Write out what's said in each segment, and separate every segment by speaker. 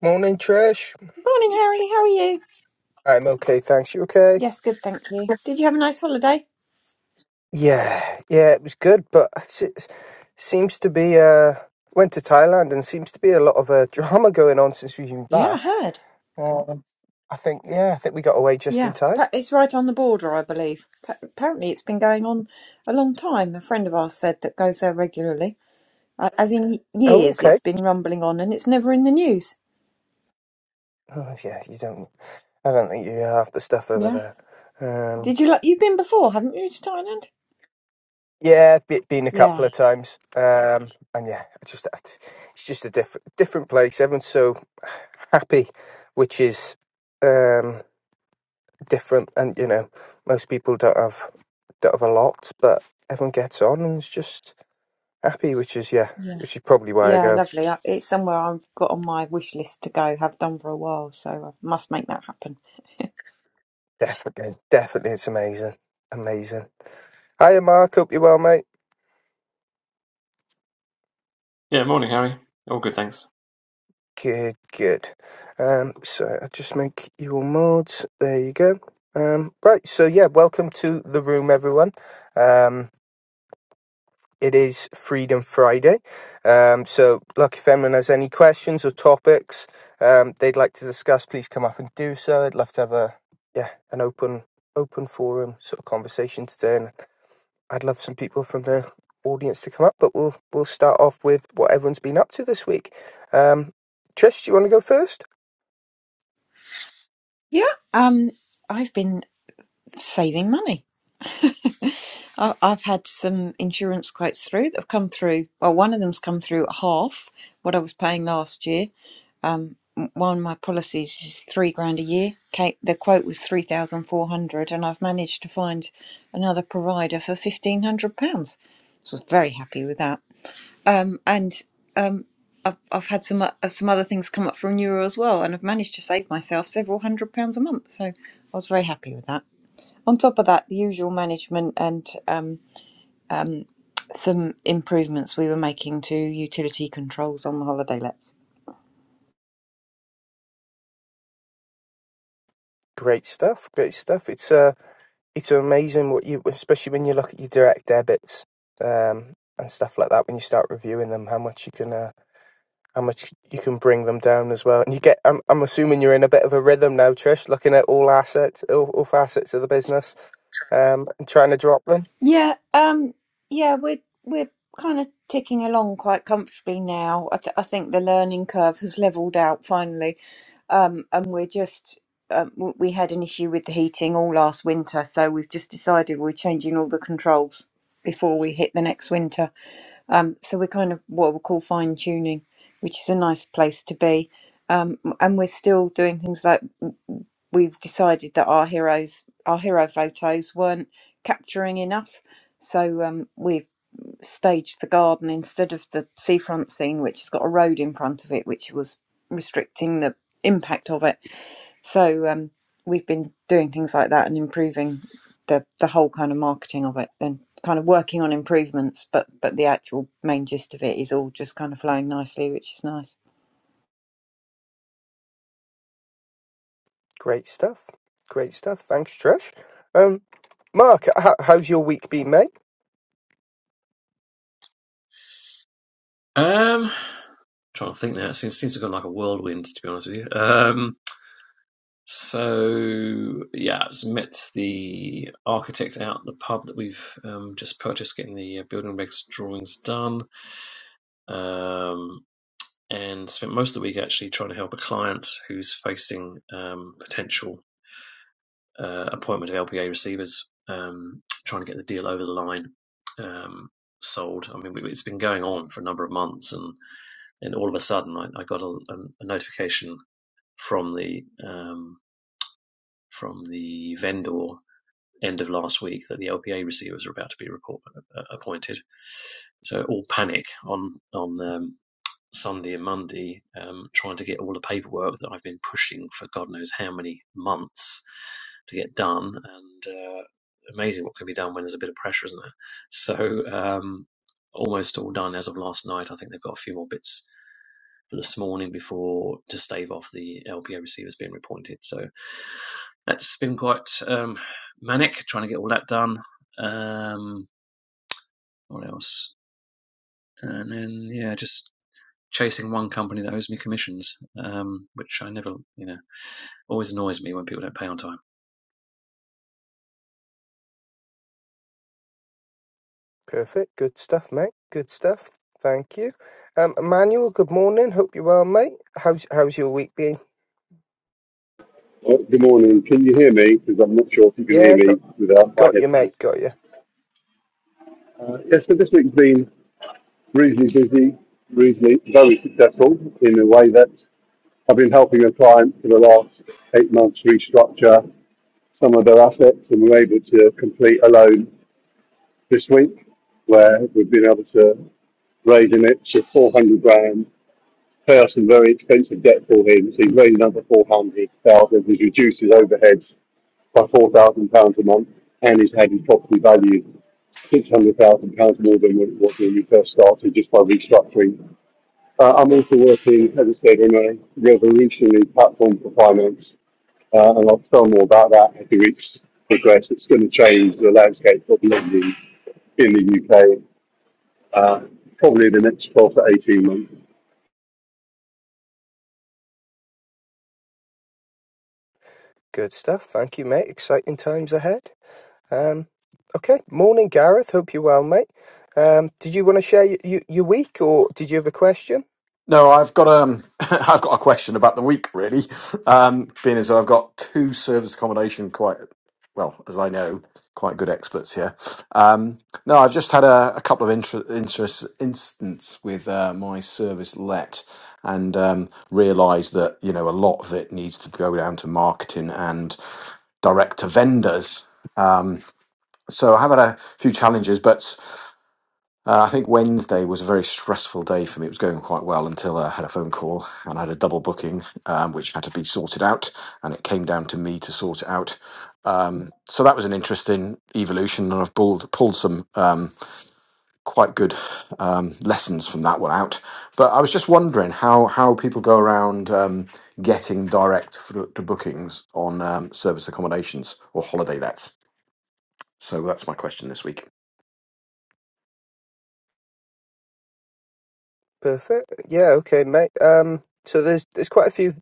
Speaker 1: Morning, Trish.
Speaker 2: Morning, Harry. How are you?
Speaker 1: I'm okay, thanks. You okay?
Speaker 2: Yes, good, thank you. Did you have a nice holiday?
Speaker 1: Yeah, yeah, it was good, but it's- it seems to be. Uh, went to Thailand and seems to be a lot of uh, drama going on since we've been
Speaker 2: Yeah, I
Speaker 1: back.
Speaker 2: heard.
Speaker 1: Um, I think, yeah, I think we got away just in
Speaker 2: Yeah,
Speaker 1: time.
Speaker 2: Pa- it's right on the border, I believe. Pa- Apparently, it's been going on a long time. A friend of ours said that goes there regularly. Uh, As in
Speaker 1: Oh,
Speaker 2: years, it's
Speaker 1: okay.
Speaker 2: been rumbling on, and it's never in the news.
Speaker 1: Oh, yeah, you don't. I don't think you have the stuff over
Speaker 2: Yeah.
Speaker 1: there. Um,
Speaker 2: Did you like? You've been before, haven't you, to Thailand?
Speaker 1: yeah, I've be- been a
Speaker 2: Yeah.
Speaker 1: couple of times, um, and yeah, I just it's just a different different place. Everyone's so happy, which is um, different and you know most people don't have don't have a lot but everyone gets on and is just happy which is yeah which is probably why i
Speaker 2: Yeah,
Speaker 1: go
Speaker 2: lovely. I- It's somewhere I've got on my wish list to go. Have done for a while, so I must make that happen.
Speaker 1: definitely definitely it's amazing amazing hiya mark hope you're well mate
Speaker 3: Yeah, morning, Harry. All good, thanks.
Speaker 1: good good um so i'll just make you all mods there you go um right so yeah welcome to the room everyone um It is Freedom Friday. Um, so, look, if anyone has any questions or topics um, they'd like to discuss, please come up and do so. I'd love to have a yeah an open open forum sort of conversation today, and I'd love some people from the audience to come up. But we'll we'll start off with what everyone's been up to this week. Um, Trish, do you want to go first?
Speaker 2: Yeah. Um, I've been saving money. I- I've had some insurance quotes through that have come through. Well, one of them's come through at half what I was paying last year. Um, m- one of my policies is three grand a year. Kate, the quote was three thousand four hundred, and I've managed to find another provider for fifteen hundred pounds. So I was very happy with that. Um, and um, I've I've had some o- some other things come up for renewal as well, and I've managed to save myself several hundred pounds a month. So I was very happy with that. On top of that, the usual management and um, some improvements we were making to utility controls on the holiday lets.
Speaker 1: Great stuff, great stuff. It's uh, it's amazing what you, especially when you look at your direct debits um, and stuff like that. When you start reviewing them, how much you can. Uh, how much you can bring them down as well. And you get, I'm, I'm assuming you're in a bit of a rhythm now, Trish, looking at all assets, all, all facets of the business, um, and trying to drop them.
Speaker 2: Yeah, um, yeah, we're we're kind of ticking along quite comfortably now. I, th- I think the learning curve has leveled out finally, um, and we're just um, w- we had an issue with the heating all last winter, so we've just decided we're changing all the controls before we hit the next winter. Um, so we're kind of what we call fine tuning, which is a nice place to be. Um, and we're still doing things like we've decided that our heroes our hero photos weren't capturing enough so um, we've staged the garden instead of the seafront scene which has got a road in front of it which was restricting the impact of it so um, we've been doing things like that and improving the, the whole kind of marketing of it and kind of working on improvements but but the actual main gist of it is all just kind of flowing nicely which is nice
Speaker 1: Great stuff. Great stuff. Thanks, Trish. Um, Mark, how, how's your week been, mate?
Speaker 3: Um, trying to think now. It seems, seems to have gone like a whirlwind, to be honest with you. Um, so yeah, I just met the architect out at the pub that we've um, just purchased, getting the uh, building regs drawings done. Um, and spent most of the week actually trying to help a client who's facing um, potential uh, appointment of LPA receivers, um, trying to get the deal over the line, um, sold. I mean, we- it's been going on for a number of months, and and all of a sudden I, I got a, a notification from the um, from the vendor end of last week that the LPA receivers were about to be report, uh, appointed. So all panic on on um, Sunday and Monday, um, trying to get all the paperwork that I've been pushing for God knows how many months to get done. And uh, amazing what can be done when there's a bit of pressure, isn't there? So um, almost all done as of last night. I think they've got a few more bits this morning before to stave off the LPO receivers being reappointed. So that's been quite um, manic trying to get all that done. Um, what else? And then yeah, just chasing one company that owes me commissions, um, which I never, you know, always annoys me when people don't pay on time.
Speaker 1: Perfect. Good stuff, mate. Good stuff. Thank you. Um, Emmanuel, good morning. Hope you're well, mate. How's how's your week been?
Speaker 4: Oh, Good morning. Can you hear me? Because I'm not sure if you can hear
Speaker 1: Yeah, got
Speaker 4: me without my
Speaker 1: got you,
Speaker 4: headphones.
Speaker 1: mate. Got you.
Speaker 4: Uh, yes, so this week's been reasonably busy, reasonably very successful in a way that I've been helping a client for the last eight months restructure some of their assets, and we are able to complete a loan this week where we've been able to raise an extra 400 grand, pay off some very expensive debt for him, so he's raised another 400,000, which reduces overheads by £4,000 a month and he's had his property valued £600,000 more than what it was when we first started just by restructuring. Uh, I'm also working, as I said, on a revolutionary platform for finance, uh, and I'll tell more about that as the weeks progress. It's going to change the landscape of lending in the UK, uh, probably in the next 12 to 18 months.
Speaker 1: Good stuff. Thank you, mate. Exciting times ahead. Um, okay. Morning, Gareth. Hope you're well, mate. Um, did you want to share y- y- your week, or did you have a question?
Speaker 5: No, I've got um, I've got a question about the week really. Um, being as though I've got two service accommodation quite well, as I know, quite good experts here. Um, no, I've just had a, a couple of inter- interest instance with uh, my service let, and um, realised that you know a lot of it needs to go down to marketing and direct to vendors. So I have had a few challenges, but uh, I think Wednesday was a very stressful day for me. It was going quite well until I had a phone call and I had a double booking, um, which had to be sorted out, and it came down to me to sort it out. Um, so that was an interesting evolution, and I've pulled pulled some um, quite good um, lessons from that one out. But I was just wondering how how people go around um, getting direct f- to bookings on um, service accommodations or holiday lets. So that's my question this week.
Speaker 1: Perfect. Yeah. Okay, mate. Um, so there's there's quite a few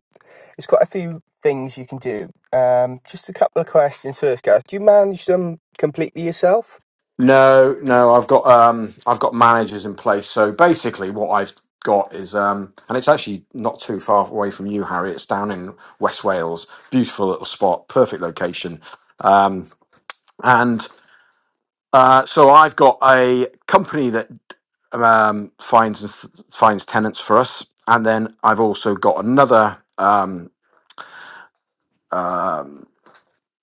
Speaker 1: there's quite a few things you can do. Um, just a couple of questions first, Gareth. Do you manage them completely yourself?
Speaker 5: No, no, I've got um, I've got managers in place. So basically, what I've got is um, and it's actually not too far away from you, Harry. It's down in West Wales, beautiful little spot, perfect location. Um, and uh, so I've got a company that um, finds finds tenants for us, and then I've also got another. Um, um,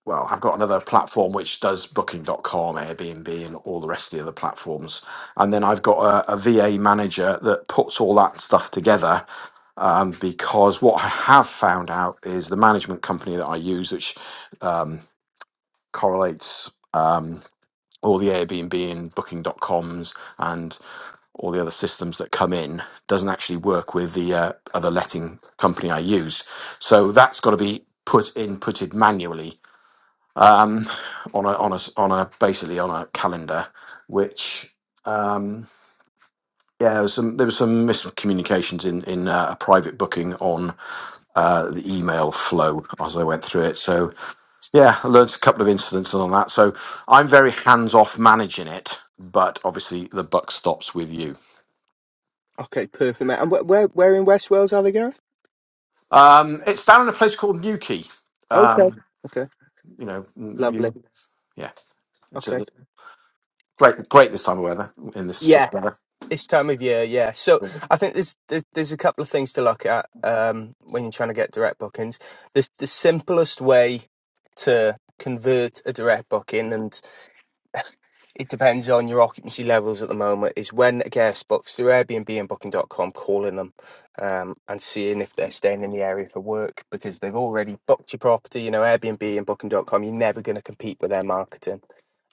Speaker 5: well, I've got another platform which does booking.com, Airbnb, and all the rest of the other platforms. And then I've got a, VA manager that puts all that stuff together. Um, because what I have found out is the management company that I use, which um, correlates um, all the Airbnb and booking.coms and all the other systems that come in doesn't actually work with the uh, other letting company I use. So that's got to be put inputted manually um, on a on a s- on a basically on a calendar, which um, yeah, there was some there was some miscommunications in in uh, a private booking on uh, the email flow as I went through it. So yeah, I learned a couple of incidents on that. So I'm very hands off managing it, but obviously the buck stops with you.
Speaker 1: Okay, perfect, mate. And wh- where where in West Wales are they, Gareth?
Speaker 5: Um, it's down in a place called Newquay.
Speaker 1: Okay.
Speaker 5: Um,
Speaker 1: Okay.
Speaker 5: you know, mm,
Speaker 1: Lovely.
Speaker 5: you, yeah, it's a
Speaker 1: Okay.
Speaker 5: great great this time of weather in this sort of weather.
Speaker 1: This time of year, yeah. So I think there's there's, there's a couple of things to look at um, when you're trying to get direct bookings. The the simplest way to convert a direct booking, and it depends on your occupancy levels at the moment, is when a guest books through Airbnb and Booking. dot com, calling them um, and seeing if they're staying in the area for work because they've already booked your property. You know, Airbnb and Booking. dot com. you're never going to compete with their marketing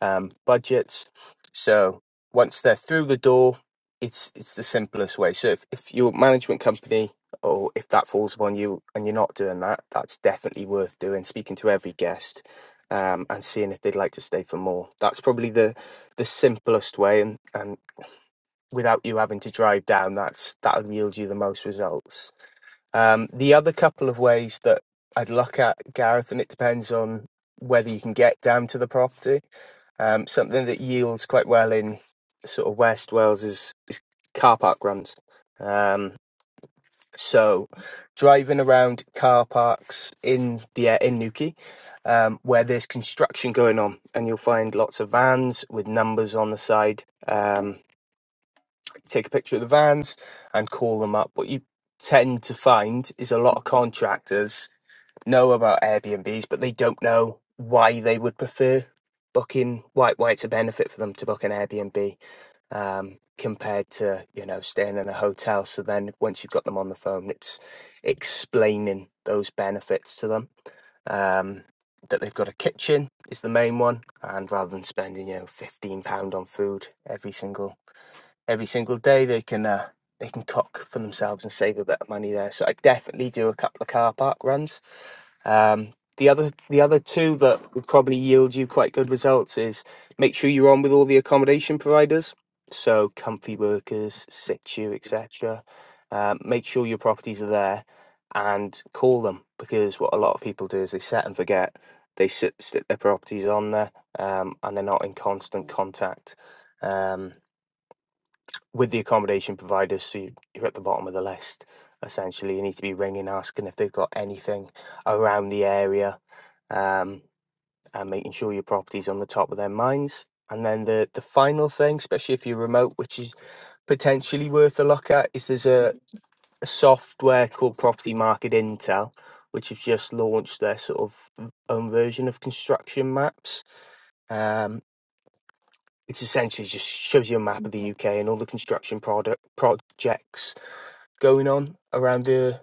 Speaker 1: um, budgets. So once they're through the door, it's it's the simplest way. So if, if your management company or if that falls upon you and you're not doing that, that's definitely worth doing. Speaking to every guest um, and seeing if they'd like to stay for more. That's probably the the simplest way, and and without you having to drive down, that's that'll yield you the most results. Um, the other couple of ways that I'd look at Gareth, and it depends on whether you can get down to the property. Um, something that yields quite well in sort of West Wales is, is car park runs. Um, so driving around car parks in the yeah, in Newquay, um, where there's construction going on, and you'll find lots of vans with numbers on the side. Um, take a picture of the vans and call them up. What you tend to find is a lot of contractors know about Airbnbs, but they don't know why they would prefer booking why why it's a benefit for them to book an Airbnb um, compared to you know staying in a hotel. So then once you've got them on the phone, it's explaining those benefits to them. Um, that they've got a kitchen is the main one, and rather than spending you know fifteen pound on food every single every single day they can uh, they can cock for themselves and save a bit of money there. So I definitely do a couple of car park runs. Um, the other the other two that will probably yield you quite good results is make sure you're on with all the accommodation providers, so comfy workers, situ, etc. Um, make sure your properties are there and call them because what a lot of people do is they set and forget. They sit, stick their properties on there um, and they're not in constant contact. Um, with the accommodation providers, so you- you're at the bottom of the list. Essentially, you need to be ringing, asking if they've got anything around the area, um, and making sure your property's on the top of their minds. And then the the final thing, especially if you're remote, which is potentially worth a look at, is there's a, a software called Property Market Intel, which has just launched their sort of v- own version of construction maps. Um, it's essentially just shows you a map of the UK and all the construction product projects going on around the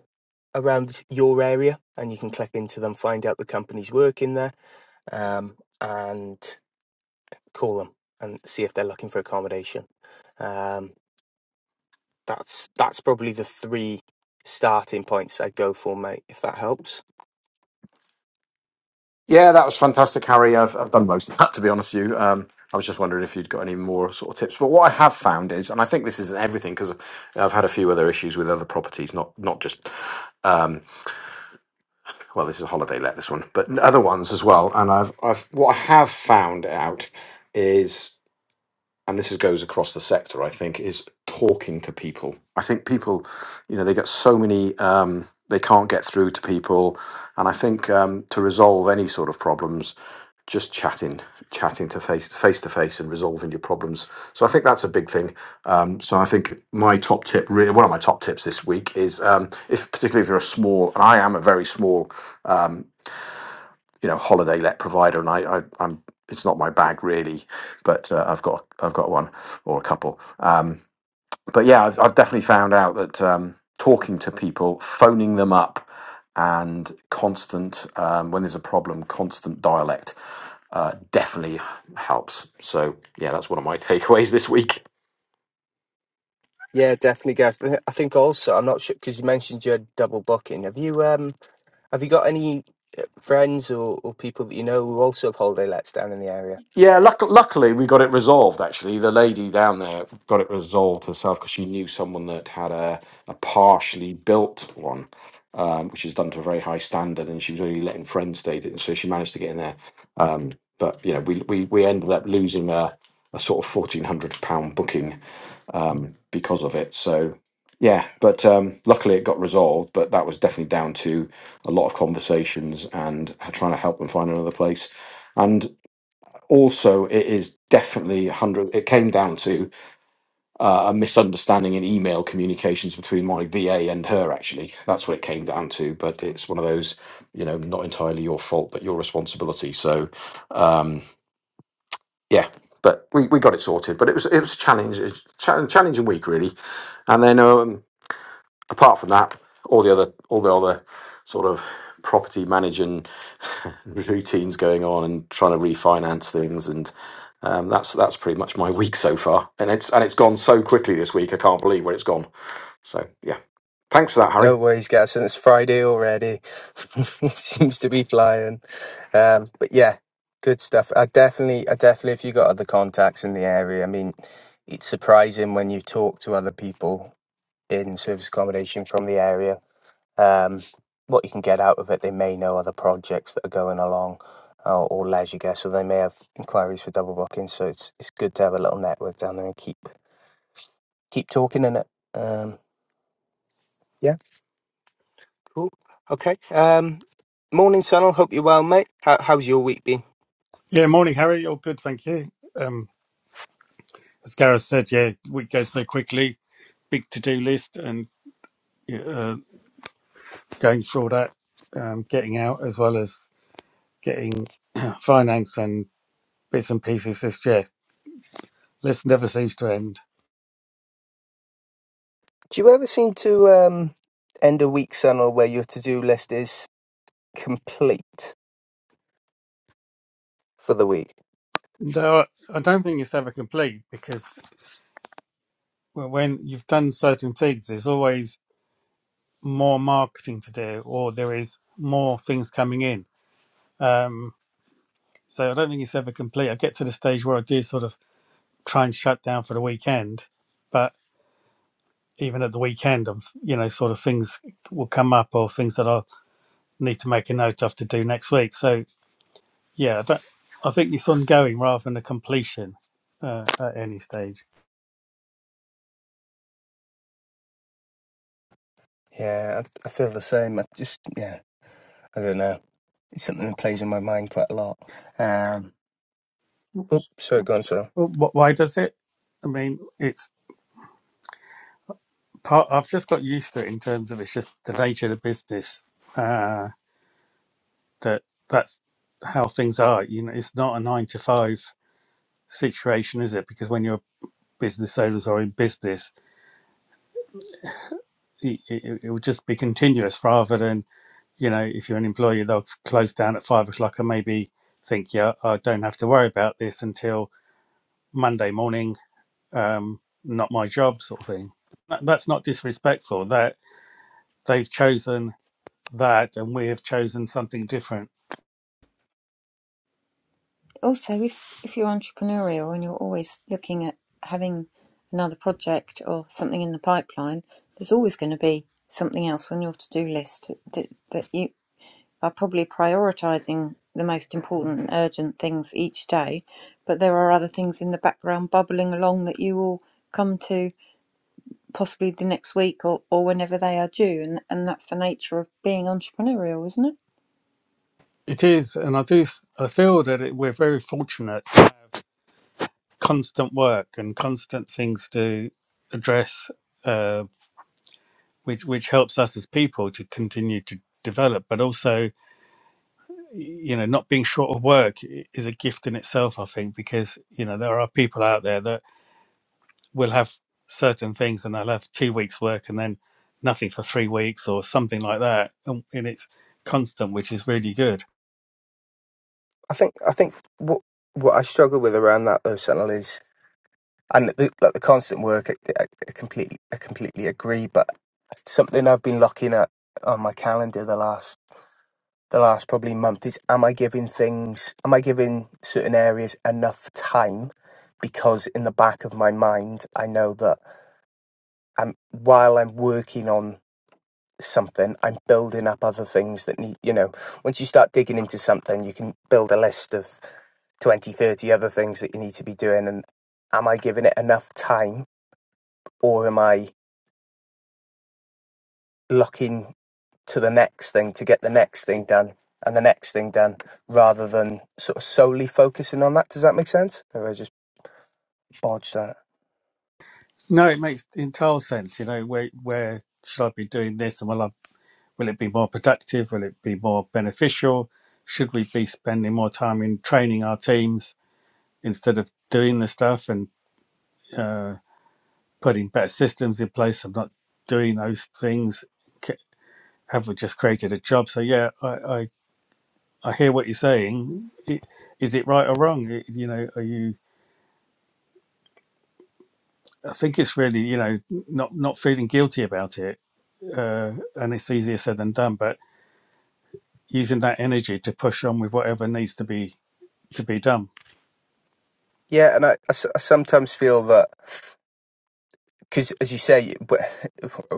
Speaker 1: around your area, and you can click into them, find out the companies working there, um, and call them and see if they're looking for accommodation. Um, that's that's probably the three starting points I'd go for, mate. If that helps.
Speaker 5: Yeah, that was fantastic, Harry. I've, I've done most of that, to be honest with you. Um, I was just wondering if you'd got any more sort of tips. But what I have found is, and I think this isn't everything because I've had a few other issues with other properties, not not just um, well, this is a holiday let this one, but other ones as well. And I've I've what I have found out is and this is, goes across the sector, I think, is talking to people. I think people, you know, they get so many, um, they can't get through to people. And I think um, to resolve any sort of problems, just chatting, chatting to face face to face and resolving your problems. So I think that's a big thing. Um, so I think my top tip, really, one of my top tips this week is, um, if particularly if you're a small, and I am a very small um, you know holiday let provider, and I, I I'm it's not my bag really, but uh, I've got I've got one or a couple. Um, but yeah, I've, I've definitely found out that um, talking to people, phoning them up, and constant um, when there's a problem, constant dialect uh, definitely helps. So yeah, that's one of my takeaways this week.
Speaker 1: Yeah, definitely, guys. I think also I'm not sure because you mentioned you had double booking. Have you um have you got any uh, friends or, or people that you know who also have holiday lets down in the area?
Speaker 5: Yeah, luck- luckily we got it resolved. Actually, the lady down there got it resolved herself because she knew someone that had a, a partially built one, um, which is done to a very high standard, and she was only letting friends stay in. so she managed to get in there. Um, but you know, we we, we ended up losing a, a sort of fourteen hundred pound booking um, because of it. So yeah, but um, luckily it got resolved. But that was definitely down to a lot of conversations and trying to help them find another place also it is definitely 100 it came down to uh, a misunderstanding in email communications between my va and her actually that's what it came down to but it's one of those you know not entirely your fault but your responsibility so um yeah but we, we got it sorted but it was it was a challenge a cha- challenging week really and then um apart from that, all the other all the other sort of property managing routines going on and trying to refinance things and um, that's that's pretty much my week so far. And it's and it's gone so quickly this week. I can't believe where it's gone. So yeah, thanks for that,
Speaker 1: No
Speaker 5: Harry.
Speaker 1: worries, Gas, and it's Friday already. it seems to be flying. Um, but yeah, good stuff. I definitely, I definitely, if you got other contacts in the area, I mean, it's surprising when you talk to other people in service accommodation from the area, um, what you can get out of it. They may know other projects that are going along uh, or leisure guests, or they may have inquiries for double bookings. So it's it's good to have a little network down there and keep keep talking in it. Um, yeah. Cool. Okay. Um, morning, Sunil. Hope you're well, mate. How, how's your week been?
Speaker 6: Yeah, morning, Harry. All good, thank you. Um, as Gareth said, yeah, week goes so quickly. Big to-do list and uh, going through all that, um, getting out as well as getting finance and bits and pieces this year. List never seems to end.
Speaker 1: Do you ever seem to um, end a week, Sunil, where your to-do list is complete for the week?
Speaker 6: No, I don't think it's ever complete because w- when you've done certain things, there's always more marketing to do or there is more things coming in. Um, so I don't think it's ever complete. I get to the stage where I do sort of try and shut down for the weekend. But even at the weekend, of you know, sort of things will come up or things that I'll need to make a note of to do next week. So yeah, I, don't, I think it's ongoing rather than a completion uh, at any stage.
Speaker 1: Yeah, I, I feel the same. I just, yeah, I don't know. It's something that plays in my mind quite a lot. Um, oops, sorry, go on, Sunil.
Speaker 6: Well, wh- why does it? I mean, it's part. I've just got used to it in terms of it's just the nature of the business uh, that that's how things are. You know, it's not a nine to five situation, is it? Because when you're business owners or in business it, it, it will just be continuous rather than you know if you're an employee they'll close down at five o'clock and maybe think yeah i don't have to worry about this until monday morning um not my job sort of thing That- that's not disrespectful that they've chosen that and we have chosen something different
Speaker 2: also if if you're entrepreneurial and you're always looking at having another project or something in the pipeline there's always going to be something else on your to-do list that, that you are probably prioritizing the most important and urgent things each day but there are other things in the background bubbling along that you will come to possibly the next week or, or whenever they are due and, and that's the nature of being entrepreneurial isn't it
Speaker 6: it is and i do I feel that it, we're very fortunate to have constant work and constant things to address uh, which which helps us as people to continue to develop but also you know not being short of work i- is a gift in itself i think because you know there are people out there that will have certain things and they'll have two weeks work and then nothing for three weeks or something like that and, and it's constant which is really good
Speaker 1: I think, I think what what I struggle with around that though, Sunil, is and the, like the constant work. I, I, I completely, I completely agree. But something I've been locking at on my calendar the last the last probably month is am I giving things, am I giving certain areas enough time? Because in the back of my mind, I know that I'm, while I'm working on something, I'm building up other things that need, you know, once you start digging into something, you can build a list of 20, 30 other things that you need to be doing. And am I giving it enough time or am I locking? to the next thing to get the next thing done and the next thing done rather than sort of solely focusing on that. Does that make sense? Or I just bodged that.
Speaker 6: no it makes entire sense you know where where should i be doing this and will i will it be more productive will it be more beneficial should we be spending more time in training our teams instead of doing the stuff and uh, putting better systems in place and not doing those things have we just created a job so yeah i i, I hear what you're saying I- Is it right or wrong I- you know are you i think it's really you know not not feeling guilty about it uh, and it's easier said than done but using that energy to push on with whatever needs to be to be done
Speaker 1: Yeah, and I, I s- I sometimes feel that because, as you say, w-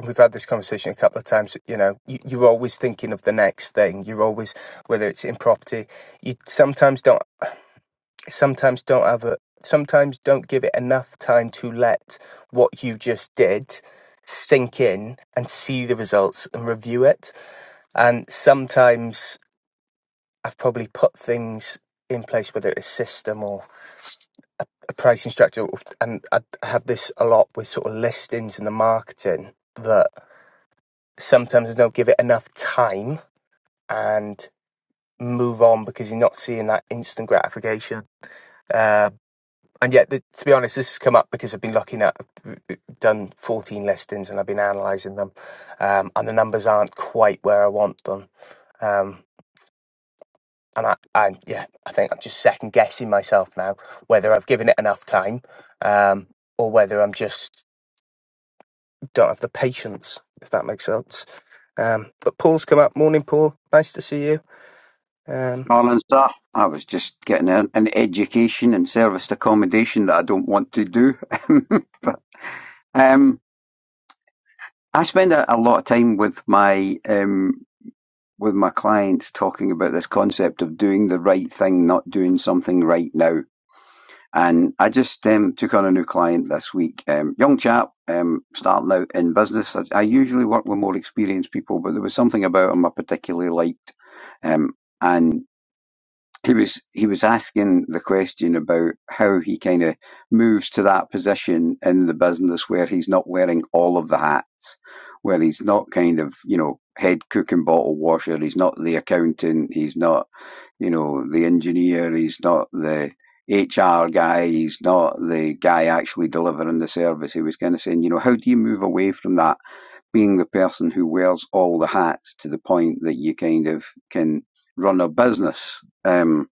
Speaker 1: we've had this conversation a couple of times. You know, you, you're always thinking of the next thing. You're always, whether it's in property, you sometimes don't, sometimes don't have a, sometimes don't give it enough time to let what you just did sink in and see the results and review it And sometimes I've probably put things in place, whether it's a system or a pricing structure. And I have this a lot with sort of listings and the marketing that sometimes I don't give it enough time and move on because you're not seeing that instant gratification. Uh, and yet, the, to be honest, this has come up because I've been looking at, I've done 14 listings and I've been analysing them, um, and the numbers aren't quite where I want them. Um, and I, I, yeah, I think I'm just second guessing myself now whether I've given it enough time, um, or whether I'm just don't have the patience, if that makes sense. Um, but Paul's come up. Morning, Paul. Nice to see you. Um,
Speaker 7: Morning, sir. I was just getting an an education and serviced accommodation that I don't want to do. but um, I spend a, a lot of time with my um, with my clients talking about this concept of doing the right thing, not doing something right now. And I just um, took on a new client this week, um, young chap, um, starting out in business. I, I usually work with more experienced people, but there was something about him I particularly liked. Um, and he was he was asking the question about how he kind of moves to that position in the business where he's not wearing all of the hats, where he's not kind of you know head cook and bottle washer, he's not the accountant, he's not you know the engineer, he's not the HR guy, he's not the guy actually delivering the service. He was kind of saying, you know, how do you move away from that being the person who wears all the hats to the point that you kind of can run a business? Um,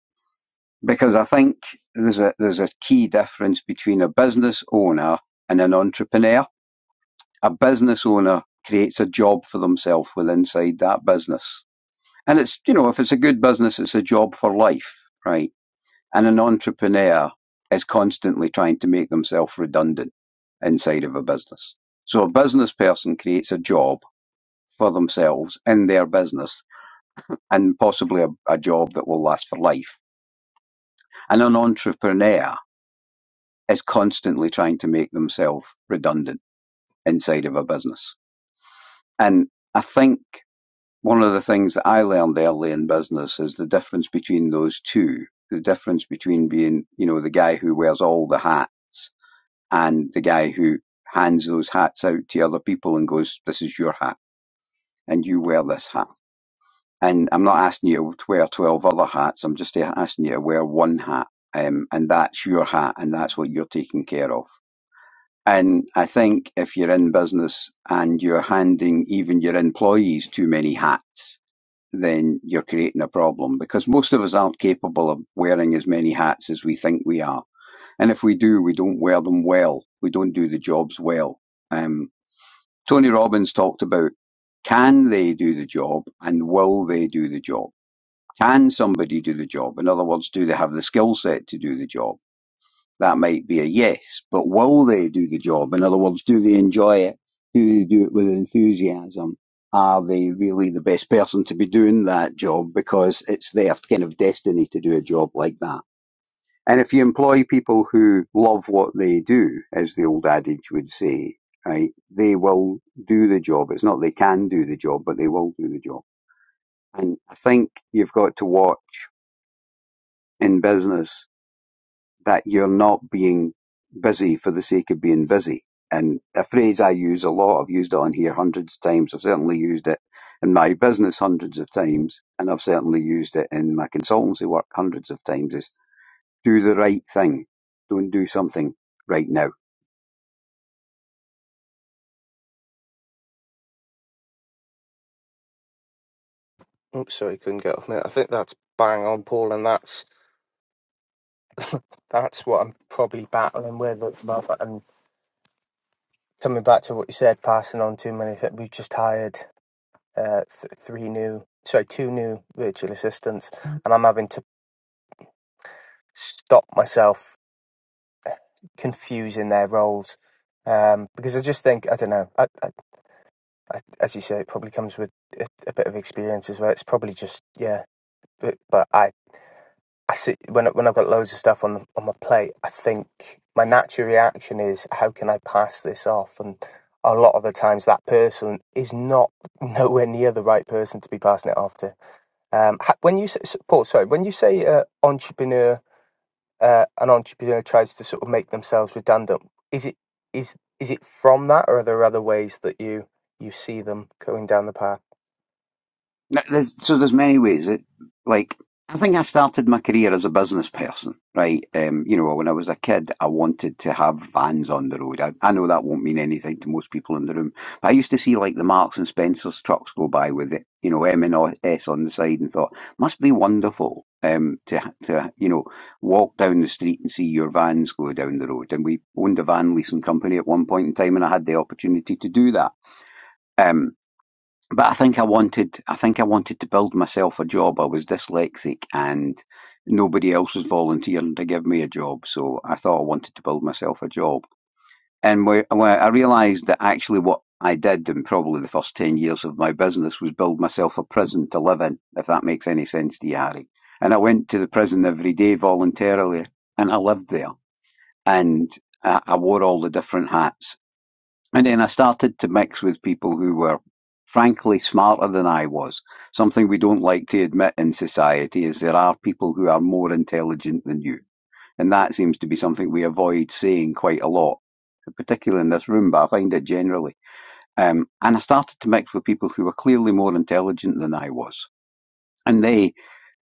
Speaker 7: because I think there's a there's a key difference between a business owner and an entrepreneur. A business owner creates a job for themselves with inside that business. And it's you know, if it's a good business it's a job for life, right? And an entrepreneur is constantly trying to make themselves redundant inside of a business. So a business person creates a job for themselves in their business and possibly a, a job that will last for life. And an entrepreneur is constantly trying to make themselves redundant inside of a business. And I think one of the things that I learned early in business is the difference between those two. The difference between being, you know, the guy who wears all the hats and the guy who hands those hats out to other people and goes, this is your hat and you wear this hat. And I'm not asking you to wear 12 other hats. I'm just asking you to wear one hat. Um, and that's your hat and that's what you're taking care of. And I think if you're in business and you're handing even your employees too many hats, then you're creating a problem because most of us aren't capable of wearing as many hats as we think we are. And if we do, we don't wear them well. We don't do the jobs well. Um, Tony Robbins talked about can they do the job and will they do the job? Can somebody do the job? In other words, do they have the skill set to do the job? that might be a yes. But will they do the job? In other words, do they enjoy it? Do they do it with enthusiasm? Are they really the best person to be doing that job because it's their kind of destiny to do a job like that? And if you employ people who love what they do, as the old adage would say, right, they will do the job. It's not they can do the job, but they will do the job. And I think you've got to watch in business that you're not being busy for the sake of being busy. And a phrase I use a lot, I've used it on here hundreds of times. I've certainly used it in my business hundreds of times, and I've certainly used it in my consultancy work hundreds of times is do the right thing. Don't do something right now
Speaker 1: oops, sorry, couldn't get off mute. I think that's bang on, Paul, and that's that's what I'm probably battling with at the moment. And coming back to what you said, passing on too many. That we've just hired uh, th- three new, sorry, two new virtual assistants, and I'm having to stop myself confusing their roles um, because I just think I don't know. I, I, I, as you say, it probably comes with a, a bit of experience as well. It's probably just yeah. But, but I, I see when when I've got loads of stuff on the, on my plate, I think my natural reaction is how can I pass this off? And a lot of the times, that person is not nowhere near the right person to be passing it off to. Um, when you say, Paul, sorry, when you say uh, entrepreneur uh, an entrepreneur tries to sort of make themselves redundant. Is it is is it from that, or are there other ways that you you see them going down the path?
Speaker 7: N- There's, so there's many ways. It, like I think I started my career as a business person, right? Um, you know, when I was a kid, I wanted to have vans on the road. I, I know that won't mean anything to most people in the room, but I used to see like the Marks and Spencers trucks go by with it, you know, M and S on the side, and thought must be wonderful um, to to you know walk down the street and see your vans go down the road. And we owned a van leasing company at one point in time, and I had the opportunity to do that. Um, but I think I wanted I think I wanted to build myself a job. I was dyslexic and nobody else was volunteering to give me a job, so I thought I wanted to build myself a job. And where, where I realised that actually what I did in probably the first ten years of my business was build myself a prison to live in, if that makes any sense to you, Harry. And I went to the prison every day voluntarily, and I lived there, and I, I wore all the different hats and then I started to mix with people who were frankly smarter than I was. Something we don't like to admit in society is there are people who are more intelligent than you. And that seems to be something we avoid saying quite a lot, particularly in this room, but I find it generally. Um, and I started to mix with people who were clearly more intelligent than I was. And they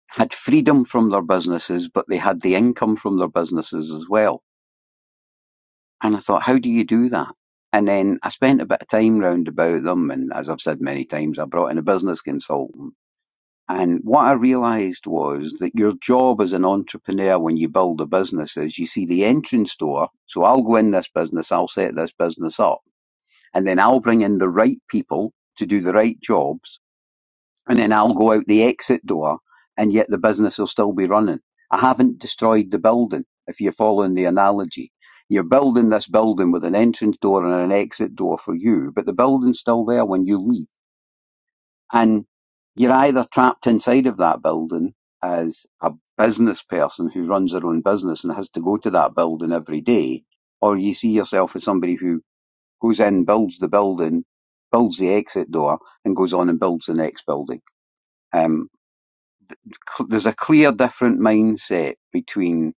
Speaker 7: had freedom from their businesses, but they had the income from their businesses as well And I thought, how do you do that? And then I spent a bit of time round about them. And as I've said many times, I brought in a business consultant. And what I realized was that your job as an entrepreneur when you build a business is you see the entrance door. So I'll go in this business, I'll set this business up, and then I'll bring in the right people to do the right jobs and then I'll go out the exit door, and yet the business will still be running. I haven't destroyed the building, if you're following the analogy. You're building this building with an entrance door and an exit door for you, but the building's still there when you leave. And you're either trapped inside of that building as a business person who runs their own business and has to go to that building every day, or you see yourself as somebody who goes in, builds the building, builds the exit door, and goes on and builds the next building. Um, there's a clear different mindset between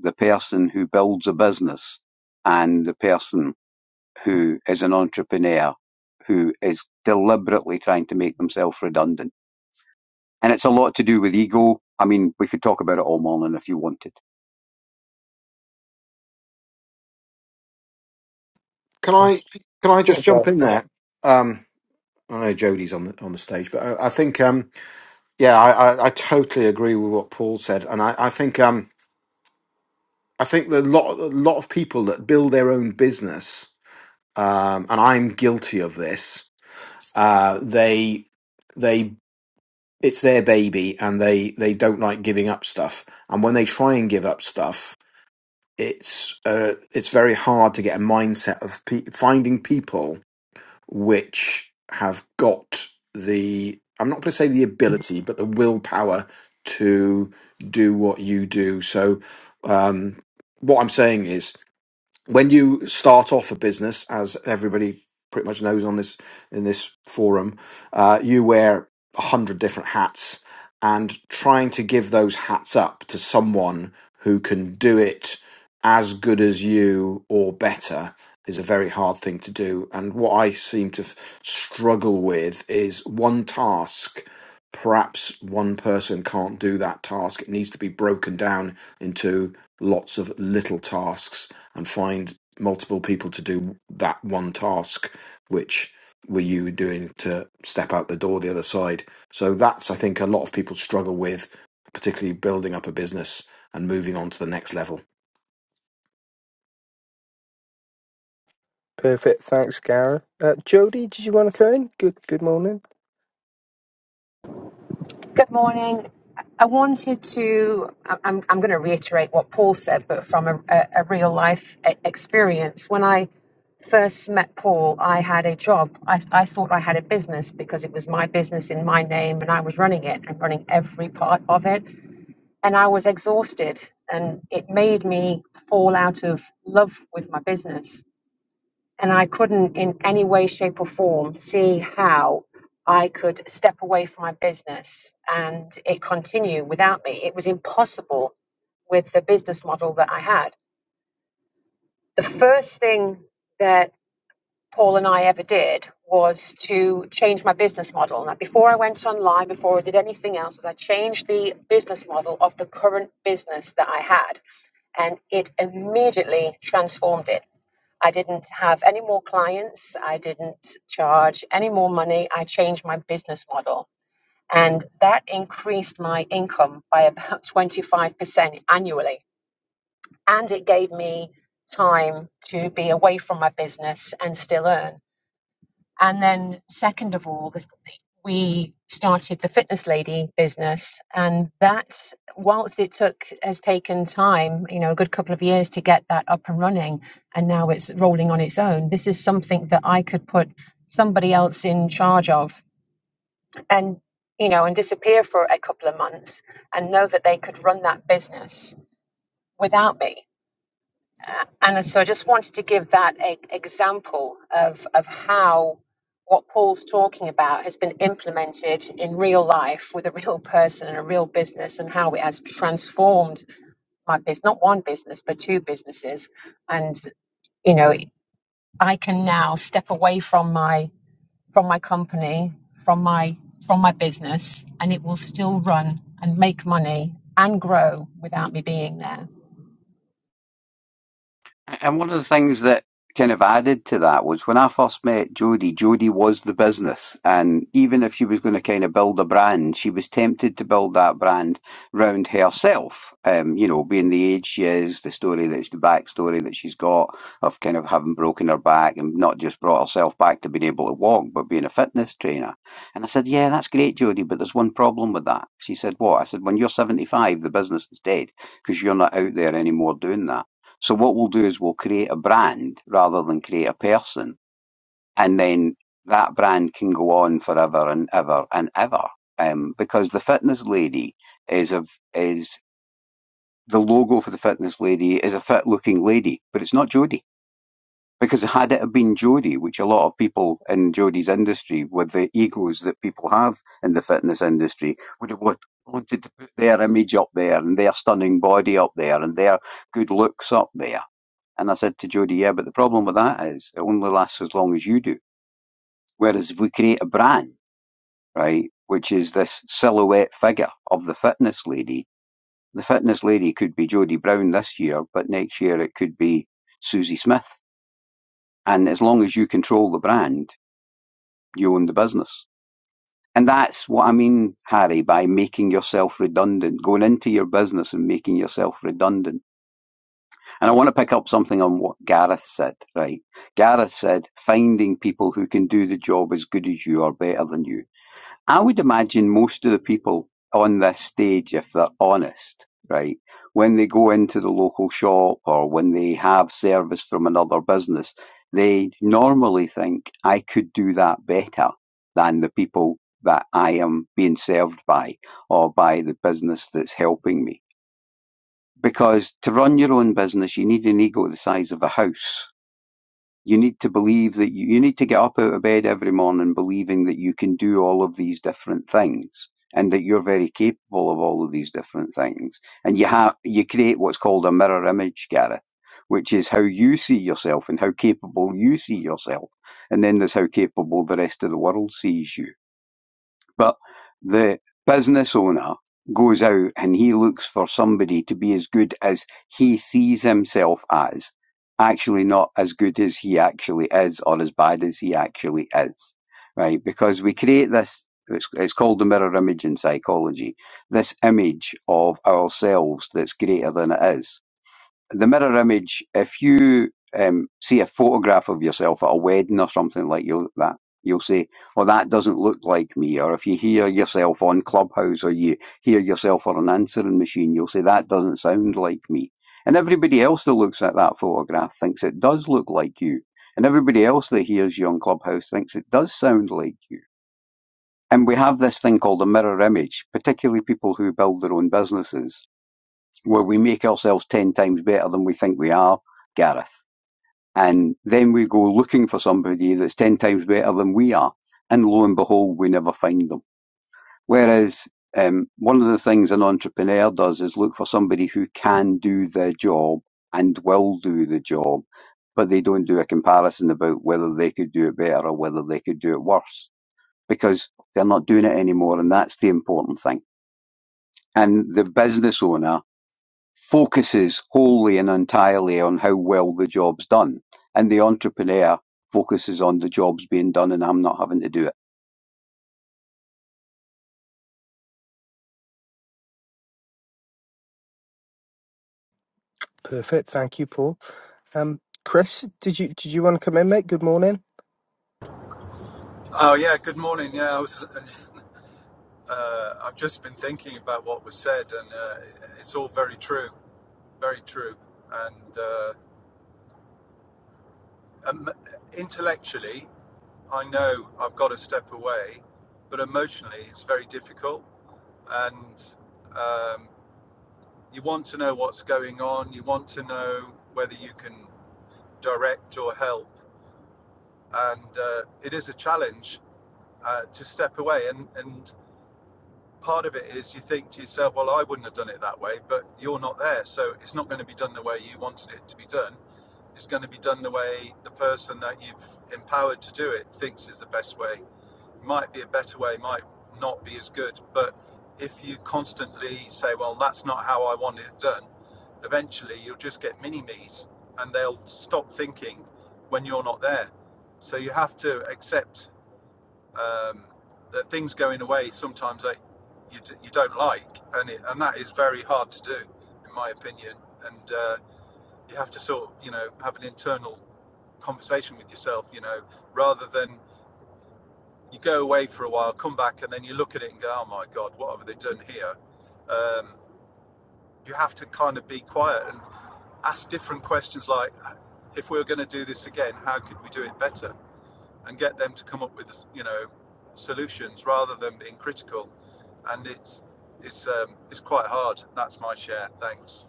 Speaker 7: the person who builds a business and the person who is an entrepreneur who is deliberately trying to make themselves redundant. And it's a lot to do with ego. I mean, we could talk about it all morning if you wanted.
Speaker 5: Can I can I just jump in there? Um, I know Jodie's on the on the stage, but I, I think um, yeah, I, I, I totally agree with what Paul said, and I, I think um, I think that a lot a lot of people that build their own business um, and I'm guilty of this. Uh, they they it's their baby, and they they don't like giving up stuff. And when they try and give up stuff, it's uh, it's very hard to get a mindset of pe- finding people which have got the I'm not going to say the ability, but the willpower to do what you do. So um, what I'm saying is when you start off a business, as everybody pretty much knows on this in this forum, uh, you wear a hundred different hats, and trying to give those hats up to someone who can do it as good as you or better is a very hard thing to do. And what I seem to f- struggle with is one task perhaps one person can't do that task. It needs to be broken down into lots of little tasks and find multiple people to do that one task, which were you doing to step out the door the other side. So that's, I think, a lot of people struggle with, particularly building up a business and moving on to the next level.
Speaker 1: Perfect. Thanks, Gareth. Uh, Jody, did you want to come in? Good. Good morning.
Speaker 8: Good morning. I wanted to, I- I'm, I'm going to reiterate what Paul said, but from a, a, a real life e- experience. When I first met Paul, I had a job. I, I thought I had a business because it was my business in my name and I was running it and running every part of it. And I was exhausted and it made me fall out of love with my business and I couldn't, in any way, shape, or form, see how I could step away from my business and it continue without me. It was impossible with the business model that I had. The first thing that Paul and I ever did was to change my business model. Now, before I went online, before I did anything else, was I changed the business model of the current business that I had, and it immediately transformed it. I didn't have any more clients. I didn't charge any more money. I changed my business model. And that increased my income by about 25% annually. And it gave me time to be away from my business and still earn. And then, second of all, this, we started the Fitness Lady business, and that, whilst it took has taken time, you know, a good couple of years to get that up and running, and now it's rolling on its own. This is something that I could put somebody else in charge of, and you know, and disappear for a couple of months, and know that they could run that business without me and so I just wanted to give that a, example of, of how what Paul's talking about has been implemented in real life with a real person and a real business, and how it has transformed my business, not one business, but two businesses. And, you know, I can now step away from my from my company, from my from my business, and it will still run and make money and grow without me being there.
Speaker 7: And one of the things that kind of added to that was when I first met Jodie, Jodie was the business. And even if she was going to kind of build a brand, she was tempted to build that brand round herself. Um, you know, being the age she is, the story that's the backstory that she's got of kind of having broken her back and not just brought herself back to being able to walk, but being a fitness trainer. And I said, Yeah, that's great, Jodie, but there's one problem with that. She said, What? I said, When you're 75, the business is dead because you're not out there anymore doing that. So what we'll do is we'll create a brand rather than create a person, and then that brand can go on forever and ever and ever. Um, because the fitness lady is a is the logo for the fitness lady is a fit looking lady, but it's not Jodie. Because had it have been Jodie, which a lot of people in Jodie's industry, with the egos that people have in the fitness industry, would have want- wanted to put their image up there and their stunning body up there and their good looks up there and I said to Jodie, yeah, but the problem with that is it only lasts as long as you do. Whereas if we create a brand, right, which is this silhouette figure of the fitness lady, the fitness lady could be Jodie Brown this year, but next year it could be Susie Smith. And as long as you control the brand, you own the business. And that's what I mean, Harry, by making yourself redundant, going into your business and making yourself redundant And I want to pick up something on what Gareth said, right? Gareth said, finding people who can do the job as good as you or better than you. I would imagine most of the people on this stage, if they're honest, right, when they go into the local shop or when they have service from another business, they normally think, I could do that better than the people that I am being served by or by the business that's helping me because to run your own business you need an ego the size of a house you need to believe that you, you need to get up out of bed every morning believing that you can do all of these different things and that you're very capable of all of these different things and you have you create what's called a mirror image gareth which is how you see yourself and how capable you see yourself and then there's how capable the rest of the world sees you but the business owner goes out and he looks for somebody to be as good as he sees himself as, actually not as good as he actually is or as bad as he actually is, right? Because we create this, it's, it's called the mirror image in psychology, this image of ourselves that's greater than it is the mirror image, if you um, see a photograph of yourself at a wedding or something like you that, you'll say, "Well, that doesn't look like me." Or if you hear yourself on Clubhouse or you hear yourself on an answering machine, you'll say, "That doesn't sound like me." And everybody else that looks at that photograph thinks it does look like you. And everybody else that hears you on Clubhouse thinks it does sound like you. And we have this thing called a mirror image, particularly people who build their own businesses where we make ourselves 10 times better than we think we are, Gareth. And then we go looking for somebody that's 10 times better than we are. And lo and behold, we never find them. Whereas um, one of the things an entrepreneur does is look for somebody who can do the job and will do the job, but they don't do a comparison about whether they could do it better or whether they could do it worse because they're not doing it anymore. And that's the important thing. And the business owner focuses wholly and entirely on how well the job's done, and the entrepreneur focuses on the job's being done and I'm not having to do it.
Speaker 1: Perfect. Thank you, Paul. Um, Chris, did you did you want to come in, mate? Good morning.
Speaker 9: Oh yeah, good morning. Yeah, I was. Uh, I've just been thinking about what was said, and uh, it's all very true, very true. And uh, um, intellectually, I know I've got to step away, but emotionally, it's very difficult. And um, you want to know what's going on. You want to know whether you can direct or help. And uh, it is a challenge uh, to step away. And and part of it is you think to yourself, well, I wouldn't have done it that way, but you're not there. So it's not going to be done the way you wanted it to be done. It's going to be done the way the person that you've empowered to do it thinks is the best way. Might be a better way, might not be as good. But if you constantly say, well, that's not how I want it done, eventually you'll just get mini me's and they'll stop thinking when you're not there. So you have to accept um, that things going away sometimes that you, you don't like, and it, and that is very hard to do, in my opinion. And uh, you have to sort, of, you know, have an internal conversation with yourself, you know, rather than you go away for a while, come back, and then you look at it and go, "Oh my God, what have they done here?" Um, you have to kind of be quiet and ask different questions, like, "If we were going to do this again, how could we do it better?" and get them to come up with you know solutions rather than being critical. And it's it's um, it's quite hard. That's my share. Thanks.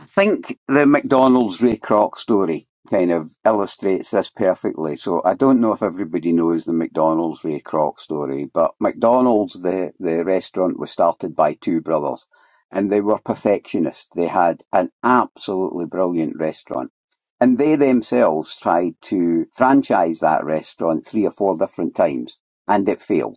Speaker 7: I think the McDonald's Ray Kroc story kind of illustrates this perfectly. So I don't know if everybody knows the McDonald's Ray Kroc story, but McDonald's, the, the restaurant, was started by two brothers and they were perfectionists. They had an absolutely brilliant restaurant. And they themselves tried to franchise that restaurant three or four different times and it failed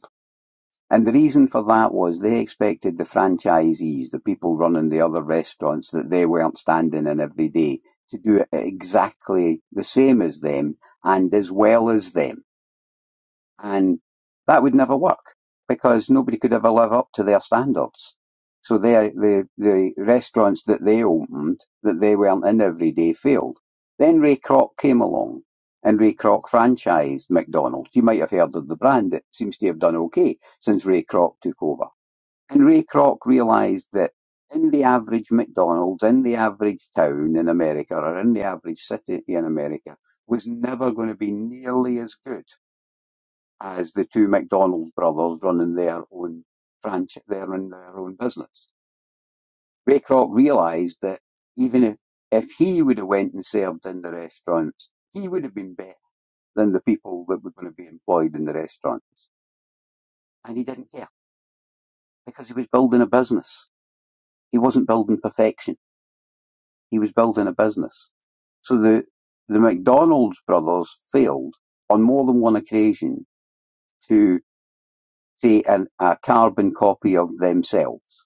Speaker 7: and the reason for that was they expected the franchisees, the people running the other restaurants that they weren't standing in every day, to do it exactly the same as them and as well as them. And that would never work because nobody could ever live up to their standards. So they, the, the restaurants that they opened, that they weren't in every day, failed. Then Ray Kroc came along and Ray Kroc franchised McDonald's. You might have heard of the brand. It seems to have done okay since Ray Kroc took over. And Ray Kroc realised that in the average McDonald's, in the average town in America or in the average city in America was never going to be nearly as good as the two McDonald brothers running their own franchise, their own, their own business. Raycroft realised that even if, if he would have went and served in the restaurants, he would have been better than the people that were going to be employed in the restaurants. And he didn't care because he was building a business. He wasn't building perfection. He was building a business. So the, the McDonald's brothers failed on more than one occasion to create an, a carbon copy of themselves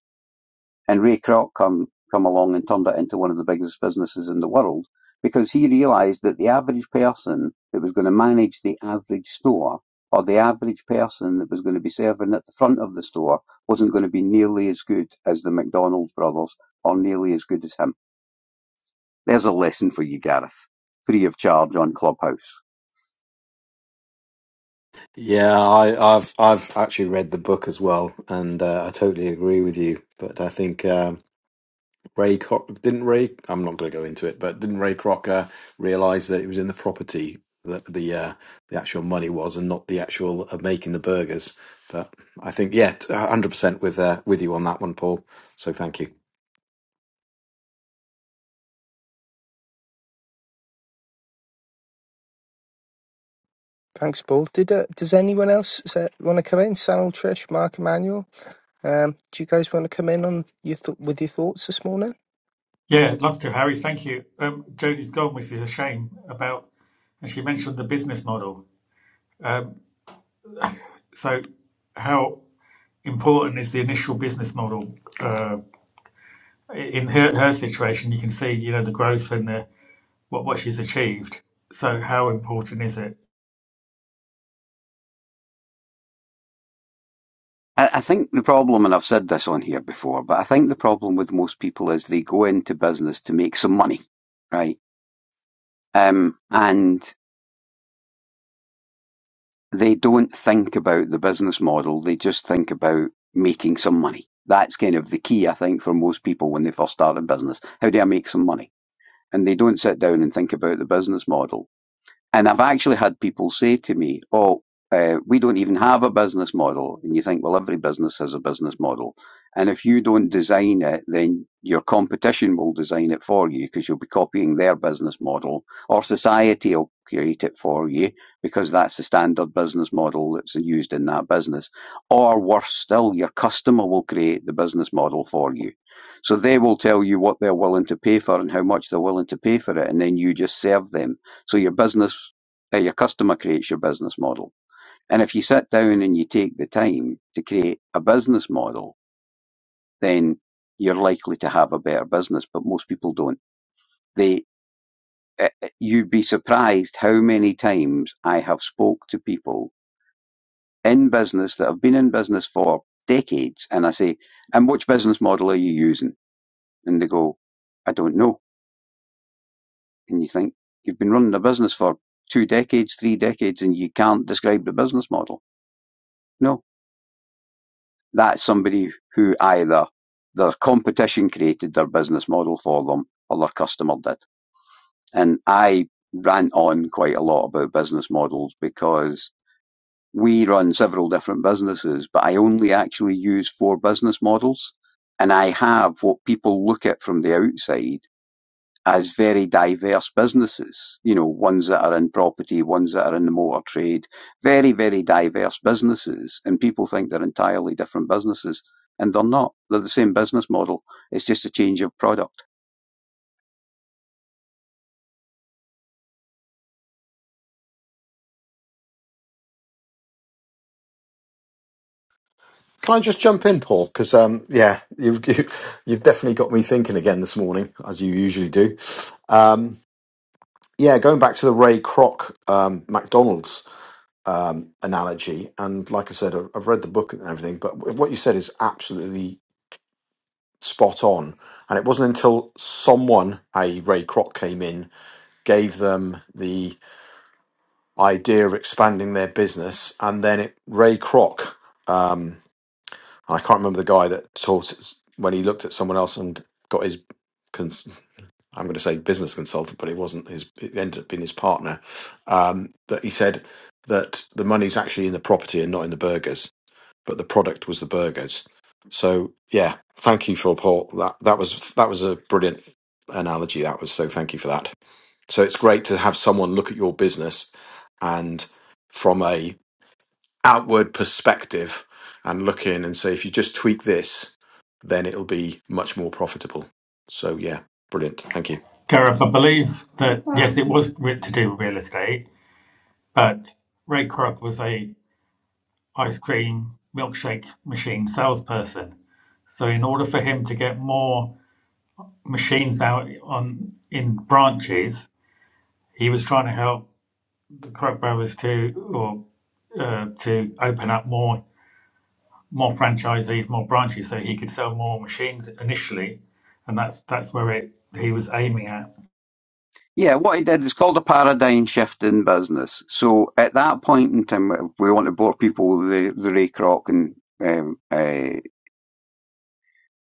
Speaker 7: And Ray Kroc come, come along and turned it into one of the biggest businesses in the world because he realized that the average person that was going to manage the average store or the average person that was going to be serving at the front of the store wasn't going to be nearly as good as the McDonald's brothers or nearly as good as him. There's a lesson for you, Gareth. Free of charge on Clubhouse.
Speaker 5: Yeah, I, I've I've actually read the book as well, and uh, I totally agree with you. But I think um, Ray Croc didn't Ray. I'm not going to go into it, but didn't Ray Crocker realize that it was in the property that the uh, the actual money was, and not the actual uh, making the burgers? But I think yeah, t- a hundred percent with uh, with you on that one, Paul. So thank you.
Speaker 1: Thanks, Paul. Did uh, does anyone else want to come in? Sanal, Trish, Mark, Emmanuel. Um, do you guys want to come in on your th- with your thoughts this morning?
Speaker 6: Yeah, I'd love to, Harry. Thank you. Um, Jody's gone, which is a shame about, and she mentioned the business model. Um, So, how important is the initial business model uh, in her, her situation? You can see, you know, the growth and the what what she's achieved. So, how important is it,
Speaker 7: I, I think the problem, and I've said this on here before, but I think the problem with most people is they go into business to make some money, right? Um, and they don't think about the business model. They just think about making some money. That's kind of the key, I think, for most people when they first start a business. How do I make some money? And they don't sit down and think about the business model. And I've actually had people say to me, "Oh, uh, we don't even have a business model." And you think, well, every business has a business model, and if you don't design it, then your competition will design it for you because you'll be copying their business model, or society will create it for you because that's the standard business model that's used in that business. Or worse still, your customer will create the business model for you. So they will tell you what they're willing to pay for and how much they're willing to pay for it, and then you just serve them so your business, uh, your customer creates your business model. And if you sit down and you take the time to create a business model, then you're likely to have a better business. But most people don't. They, uh, uh, you'd be surprised how many times I have spoke to people in business that have been in business for decades, and I say, "And which business model are you using?" And they go, "I don't know." And you think you've been running a business for two decades, three decades, and you can't describe the business model. No, That's somebody who either their competition created their business model for them or their customer did. And I rant on quite a lot about business models because we run several different businesses, but I only actually use four business models. And I have what people look at from the outside as very diverse businesses. You know, ones that are in property, ones that are in the motor trade, very, very diverse businesses. And people think they're entirely different businesses. And they're not. They're the same business model. It's just a change of product.
Speaker 5: Can I just jump in, Paul? Because um, yeah, you've you, you've definitely got me thinking again this morning, as you usually do. Um, yeah, going back to the Ray Kroc um, McDonald's um, analogy, and like I said, I've I've read the book and everything, but what you said is absolutely spot on. And it wasn't until someone, i.e., Ray Kroc, came in, gave them the idea of expanding their business, and then it, Ray Kroc, um, I can't remember the guy that taught us- when he looked at someone else and got his. Cons- I'm going to say business consultant, but it wasn't his. It ended up being his partner. Um, that he said that the money's actually in the property and not in the burgers but the product was the burgers. So yeah, thank you for Paul. That that was that was a brilliant analogy. That was so thank you for that. So it's great to have someone look at your business and from a outward perspective and look in and say if you just tweak this, then it'll be much more profitable. So yeah, brilliant. Thank you.
Speaker 6: Gareth? I believe that yes, it was to do with real estate, but Ray Kroc was a ice cream milkshake machine salesperson. So, in order for him to get more machines out on in branches, he was trying to help. the Koch brothers to or uh, to open up more more franchisees, more branches, so he could sell more machines initially, and that's that's where it he was aiming at.
Speaker 7: Yeah, what he did is called a paradigm shift in business. So at that point in time, we want to bore people with the, the Ray Kroc and um, uh,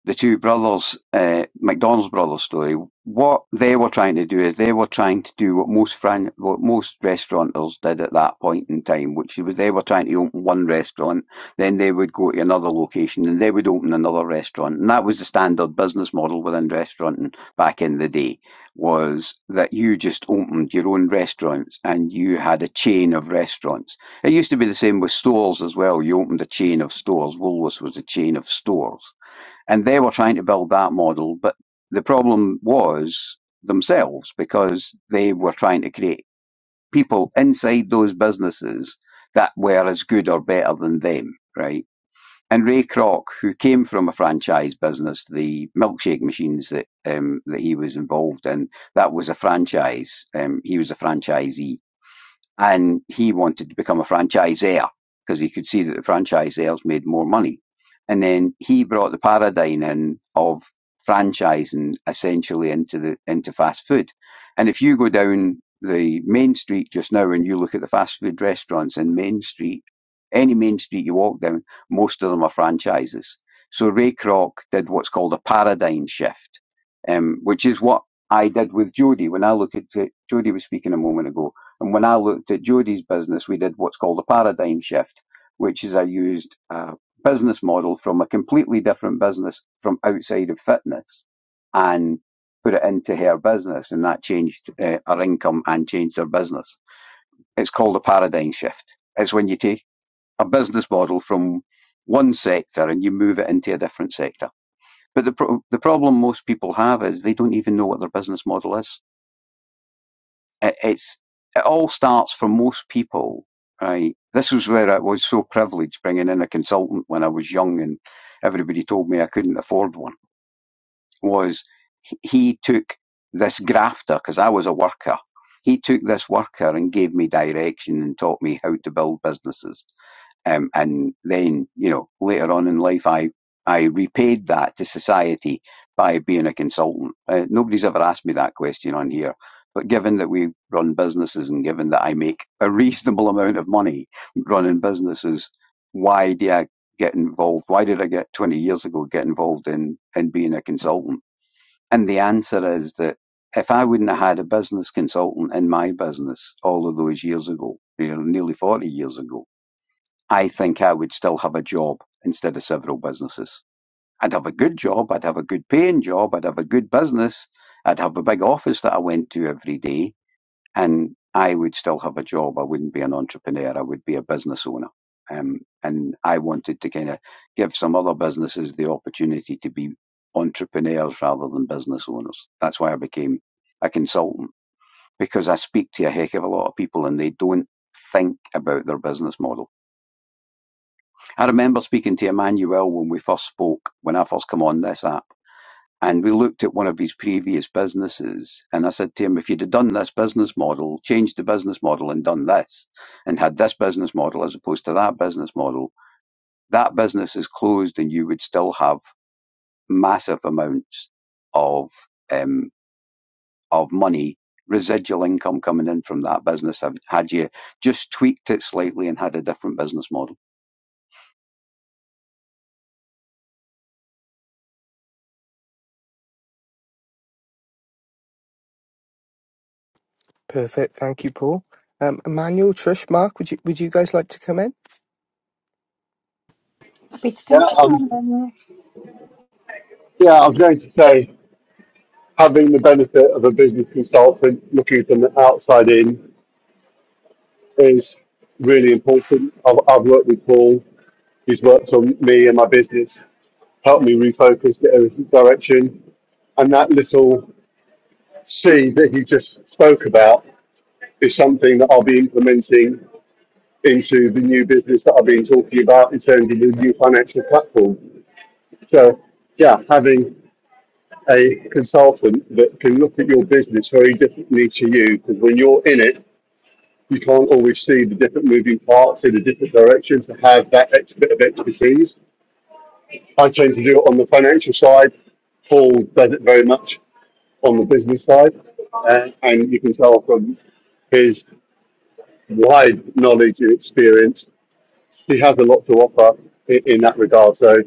Speaker 7: the two brothers, uh, McDonald's brothers story, what they were trying to do is they were trying to do what most fran- what most restaurateurs did at that point in time, which was they were trying to open one restaurant, then they would go to another location and they would open another restaurant, and that was the standard business model within restauranting back in the day, was that you just opened your own restaurants and you had a chain of restaurants. It used to be the same with stores as well. You opened a chain of stores. Woolworths was a chain of stores and they were trying to build that model, but the problem was themselves because they were trying to create people inside those businesses that were as good or better than them, right? And Ray Kroc, who came from a franchise business, the milkshake machines that um, that he was involved in, that was a franchise. Um, he was a franchisee and he wanted to become a franchisor because he could see that the franchisors made more money. And then he brought the paradigm in of franchising essentially into the into fast food. And if you go down the main street just now and you look at the fast food restaurants in Main Street, any main street you walk down, most of them are franchises. So Ray Kroc did what's called a paradigm shift, um, which is what I did with Jody. When I look at Jody was speaking a moment ago, and when I looked at Jodie's business, we did what's called a paradigm shift, which is I used a business model from a completely different business from outside of fitness and put it into her business. And that changed uh, her income and changed her business. It's called a paradigm shift. It's when you take a business model from one sector and you move it into a different sector. But the, pro- the problem most people have is they don't even know what their business model is it, it's it all starts for most people, right? This was where I was so privileged bringing in a consultant when I was young, and everybody told me I couldn't afford one. Was he he took this grafter because I was a worker. He took this worker and gave me direction and taught me how to build businesses um, and then, you know, later on in life, I, I repaid that to society by being a consultant. Uh, nobody's ever asked me that question on here. But given that we run businesses and given that I make a reasonable amount of money running businesses, why did I get involved? Why did I get 20 years ago get involved in, in being a consultant? And the answer is that if I wouldn't have had a business consultant in my business all of those years ago, you know, nearly 40 years ago, I think I would still have a job instead of several businesses. I'd have a good job, I'd have a good paying job, I'd have a good business, I'd have a big office that I went to every day, and I would still have a job. I wouldn't be an entrepreneur, I would be a business owner. Um, and I wanted to kind of give some other businesses the opportunity to be entrepreneurs rather than business owners. That's why I became a consultant because I speak to a heck of a lot of people and they don't think about their business model I remember speaking to Emmanuel when we first spoke, when I first come on this app, and we looked at one of his previous businesses. And I said to him, if you'd have done this business model, changed the business model and done this, and had this business model as opposed to that business model, that business is closed and you would still have massive amounts of, um, of money, residual income coming in from that business had you just tweaked it slightly and had a different business model
Speaker 1: Perfect. Thank you, Paul. Um, Emmanuel, Trish, Mark, would you would you guys like to come in?
Speaker 2: happy to
Speaker 4: Yeah,
Speaker 2: come
Speaker 4: um,
Speaker 2: on Daniel.
Speaker 4: yeah, I was going to say having the benefit of a business consultant looking from the outside in is really important. I've, I've worked with Paul, he's worked on me and my business, helped me refocus, get a direction. And that little seed that he just spoke about is something that I'll be implementing into the new business that I've been talking about in terms of the new financial platform. So, yeah, having a consultant that can look at your business very differently to you, because when you're in it, you can't always see the different moving parts in a different direction to have that extra bit of expertise. I tend to do it on the financial side. Paul does it very much on the business side. Uh, and you can tell from his wide knowledge and experience, he has a lot to offer in, in that regard. So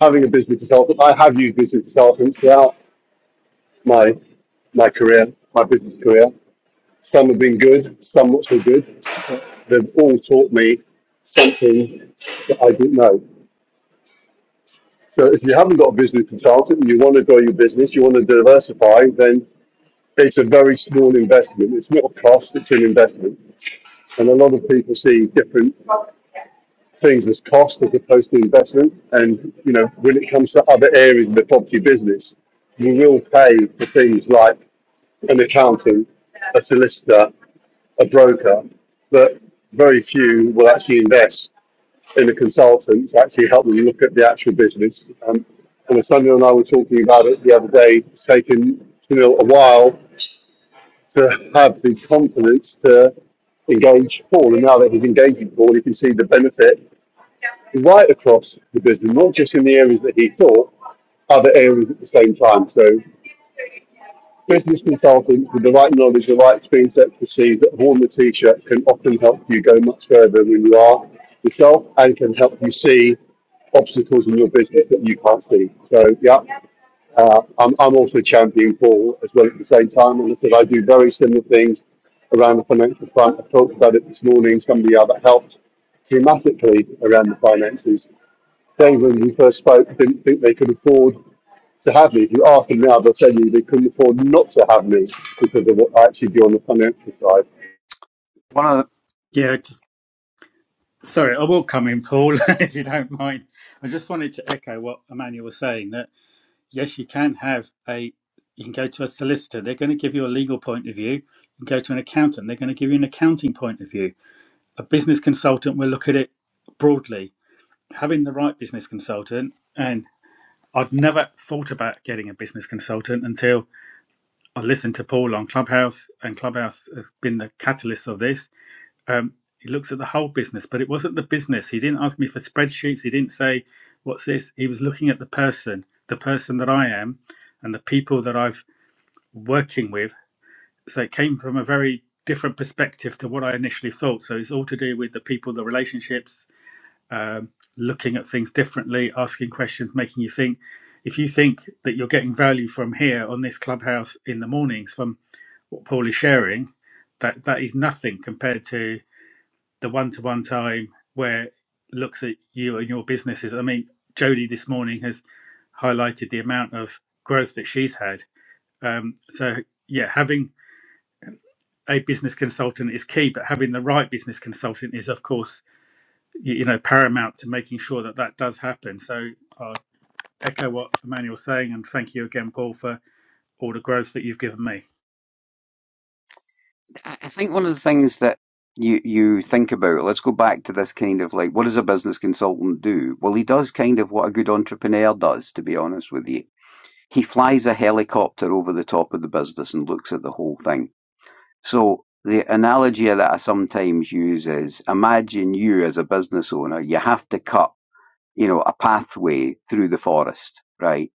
Speaker 4: having a business consultant, I have used business consultants throughout my my career, my business career. Some have been good, some not so good. they've all taught me something that I didn't know. So if you haven't got a business consultant and you want to grow your business, you want to diversify, then it's a very small investment. It's not a cost, it's an investment. And a lot of people see different things as cost as opposed to investment. And you know, when it comes to other areas of the property business, you will pay for things like an accountant, a solicitor, a broker, but very few will actually invest in a consultant to actually help them look at the actual business. Um, and as and I were talking about it the other day, it's taken you know a while to have the confidence to engage Paul, and now that he's engaging Paul, he can see the benefit right across the business, not just in the areas that he thought, other areas at the same time. So Business consulting with the right knowledge, the right skill set to see that have worn the t-shirt can often help you go much further than you are yourself and can help you see obstacles in your business that you can't see. So yeah, uh, I'm, I'm also championing Paul as well at the same time. And I said I do very similar things around the financial front. I talked about it this morning. Somebody out that helped dramatically around the finances. They, when we first spoke, didn't think they could afford to have me. If you ask them now, they'll tell you they couldn't afford not to have me because of what I actually do on the financial side.
Speaker 7: One of
Speaker 6: Yeah, just sorry, I will come in, Paul, if you don't mind. I just wanted to echo what Emmanuel was saying that yes, you can have a you can go to a solicitor, they're going to give you a legal point of view. You can go to an accountant, they're going to give you an accounting point of view. A business consultant will look at it broadly. Having the right business consultant and I'd never thought about getting a business consultant until I listened to Paul on Clubhouse, and Clubhouse has been the catalyst of this. Um, he looks at the whole business, but it wasn't the business. He didn't ask me for spreadsheets. He didn't say, What's this? He was looking at the person, the person that I am, and the people that I've working with. So it came from a very different perspective to what I initially thought. So it's all to do with the people, the relationships, um, looking at things differently, asking questions, making you think. If you think that you're getting value from here on this clubhouse in the mornings from what Paul is sharing, that that is nothing compared to the one-to-one time where it looks at you and your businesses. I mean, Jodie this morning has highlighted the amount of growth that she's had. Um, so yeah, having a business consultant is key, but having the right business consultant is, of course, you, you know, paramount to making sure that that does happen. So I echo what Emmanuel's saying, and thank you again, Paul, for all the growth that you've given me.
Speaker 7: I I think one of the things that you you think about, let's go back to this kind of like, what does a business consultant do? Well, he does kind of what a good entrepreneur does, to be honest with you. He flies a helicopter over the top of the business and looks at the whole thing. So the analogy that I sometimes use is imagine you as a business owner, you have to cut you know, a pathway through the forest, right?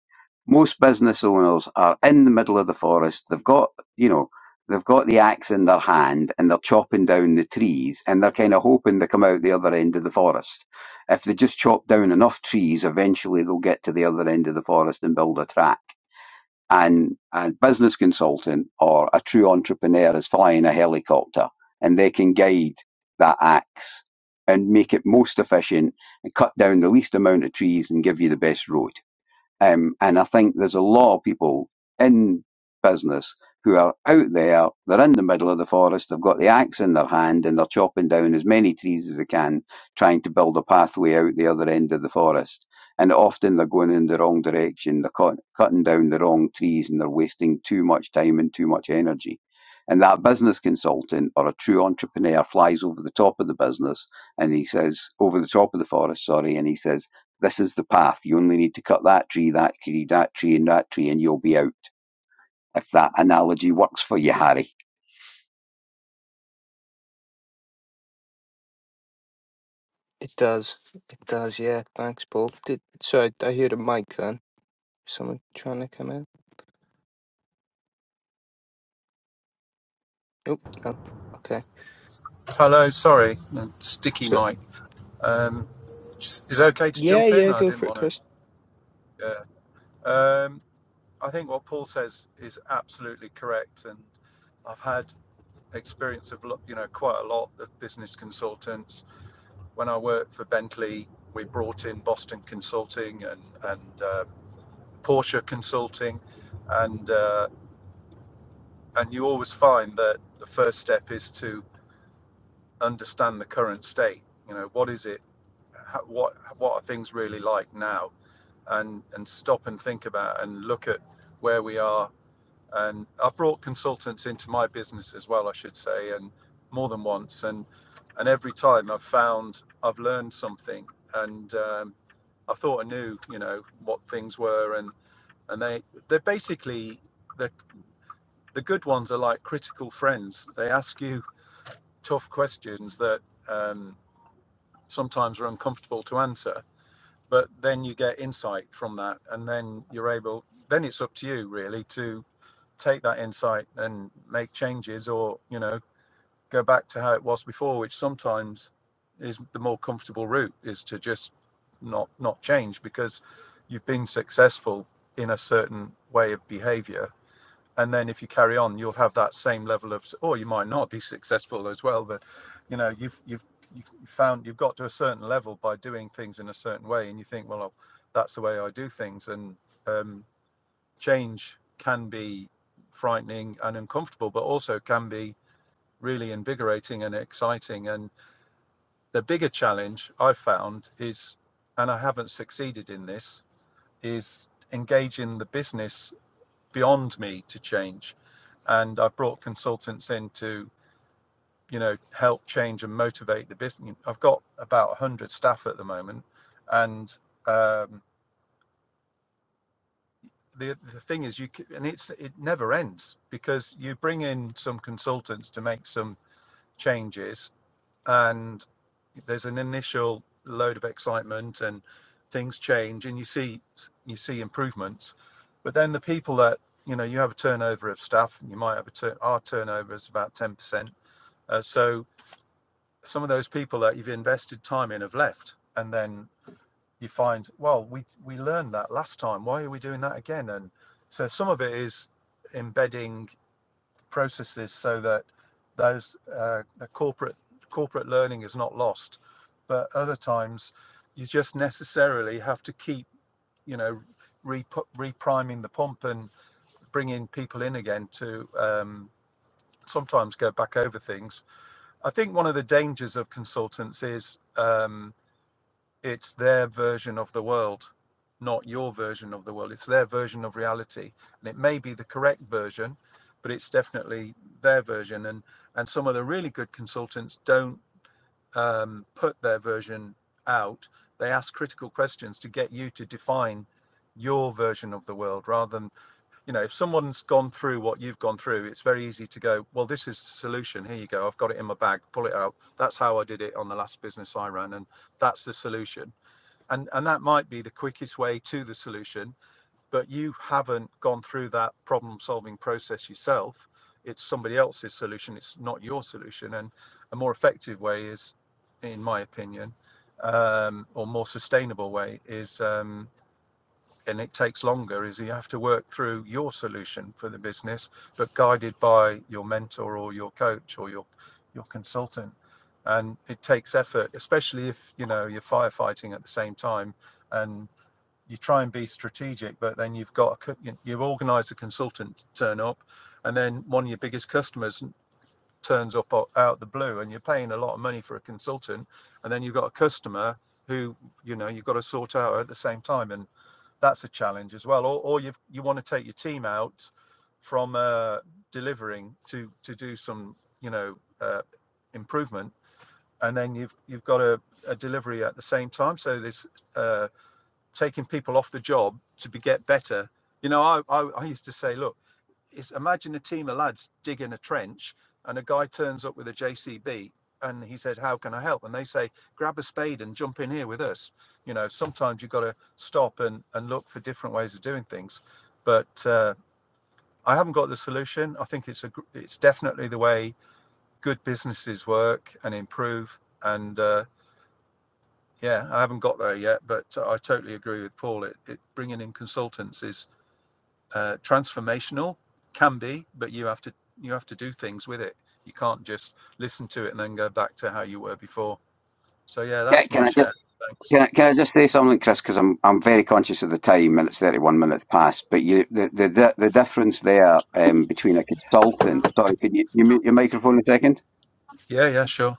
Speaker 7: Most business owners are in the middle of the forest. They've got, you know, they've got the axe in their hand and they're chopping down the trees and they're kind of hoping they come out the other end of the forest. If they just chop down enough trees, eventually they'll get to the other end of the forest and build a track and a business consultant or a true entrepreneur is flying a helicopter and they can guide that axe and make it most efficient and cut down the least amount of trees and give you the best road. Um, and I think there's a lot of people in business who are out there, they're in the middle of the forest, they've got the axe in their hand and they're chopping down as many trees as they can, trying to build a pathway out the other end of the forest. And often they're going in the wrong direction, they're cut, cutting down the wrong trees and they're wasting too much time and too much energy. And that business consultant or a true entrepreneur flies over the top of the business and he says, over the top of the forest, sorry, and he says, this is the path. You only need to cut that tree, that tree, that tree, and that tree, and you'll be out. If that analogy works for you, Harry.
Speaker 1: It does. It does. Yeah. Thanks, Paul. Did sorry, I I heard a mic then. Someone trying to come in. Oh no. Okay.
Speaker 9: Hello. Sorry, sticky
Speaker 1: So
Speaker 9: mic. Um, is it okay to
Speaker 1: yeah,
Speaker 9: jump in?
Speaker 1: yeah,
Speaker 9: I
Speaker 1: go
Speaker 9: didn't
Speaker 1: for it,
Speaker 9: want
Speaker 1: Chris.
Speaker 9: to. Yeah. Um, I think what Paul says is absolutely correct, and I've had experience of you know quite a lot of business consultants. When I worked for Bentley, we brought in Boston Consulting and and uh, Porsche consulting, and uh, and you always find that the first step is to understand the current state. You know, what is it? How, what what are things really like now? And and stop and think about and look at where we are. And I've brought consultants into my business as well, I should say, and more than once. And and every time I've found I've learned something, and um, I thought I knew, you know, what things were, and and they they're basically the the good ones are like critical friends. They ask you tough questions that um, sometimes are uncomfortable to answer, but then you get insight from that, and then you're able. Then it's up to you really to take that insight and make changes, or you know, go back to how it was before, which sometimes is the more comfortable route is to just not not change because you've been successful in a certain way of behavior and then if you carry on you'll have that same level of or you might not be successful as well but you know you've you've you've found you've got to a certain level by doing things in a certain way and you think well that's the way i do things and um, change can be frightening and uncomfortable but also can be really invigorating and exciting and the bigger challenge i've found is and i haven't succeeded in this is engaging the business beyond me to change. And I've brought consultants in to, you know, help change and motivate the business. I've got about 100 staff at the moment. And um, the, the thing is, you c- and it's it never ends because you bring in some consultants to make some changes and there's an initial load of excitement and things change and you see you see improvements but then the people that you know you have a turnover of staff and you might have a tur- our turnover is about 10% uh, so some of those people that you've invested time in have left and then you find well we we learned that last time why are we doing that again and so some of it is embedding processes so that those uh, the corporate corporate learning is not lost. But other times, you just necessarily have to keep you know re- repriming the pump and bringing people in again to um, sometimes go back over things. I think one of the dangers of consultants is. Um, it's their version of the world, not your version of the world. It's their version of reality, and it may be the correct version, but it's definitely their version. And and some of the really good consultants don't um, put their version out. They ask critical questions to get you to define your version of the world rather than you know if someone's gone through what you've gone through it's very easy to go well this is the solution here you go i've got it in my bag pull it out that's how i did it on the last business i ran and that's the solution and and that might be the quickest way to the solution but you haven't gone through that problem solving process yourself it's somebody else's solution it's not your solution and a more effective way is in my opinion um, or more sustainable way is um, and it takes longer is you have to work through your solution for the business, but guided by your mentor or your coach or your your consultant. And it takes effort, especially if you know you're firefighting at the same time, and you try and be strategic, but then you've got you- you've organised a consultant to turn up, and then one of your biggest customers turns up out the blue and you're paying a lot of money for a consultant and then you've got a customer who you know you've got to sort out at the same time and that's a challenge as well or, or you you want to take your team out from uh, delivering to to do some you know uh, improvement and then you've you've got a, a delivery at the same time so this uh, taking people off the job to be, get better you know I, I i used to say look is imagine a team of lads digging a trench and a guy turns up with a JCB and he says, How can I help? And they say, Grab a spade and jump in here with us. You know, sometimes you've got to stop and, and look for different ways of doing things. But uh, I haven't got the solution. I think it's a it's definitely the way good businesses work and improve. And uh, yeah, I haven't got there yet, but I totally agree with Paul. It, it bringing in consultants is uh, transformational can be but you have to you have to do things with it you can't just listen to it and then go back to how you were before so yeah
Speaker 7: Yeah,
Speaker 9: that's
Speaker 7: can
Speaker 9: my
Speaker 7: I just
Speaker 9: share thanks
Speaker 7: can I, can I just say something, Chris? Because I'm I'm very conscious of the time, and it's 31 minutes past. But you the the the, the difference there um, between a consultant. Sorry, could you, you mute your microphone a second?
Speaker 9: yeah yeah sure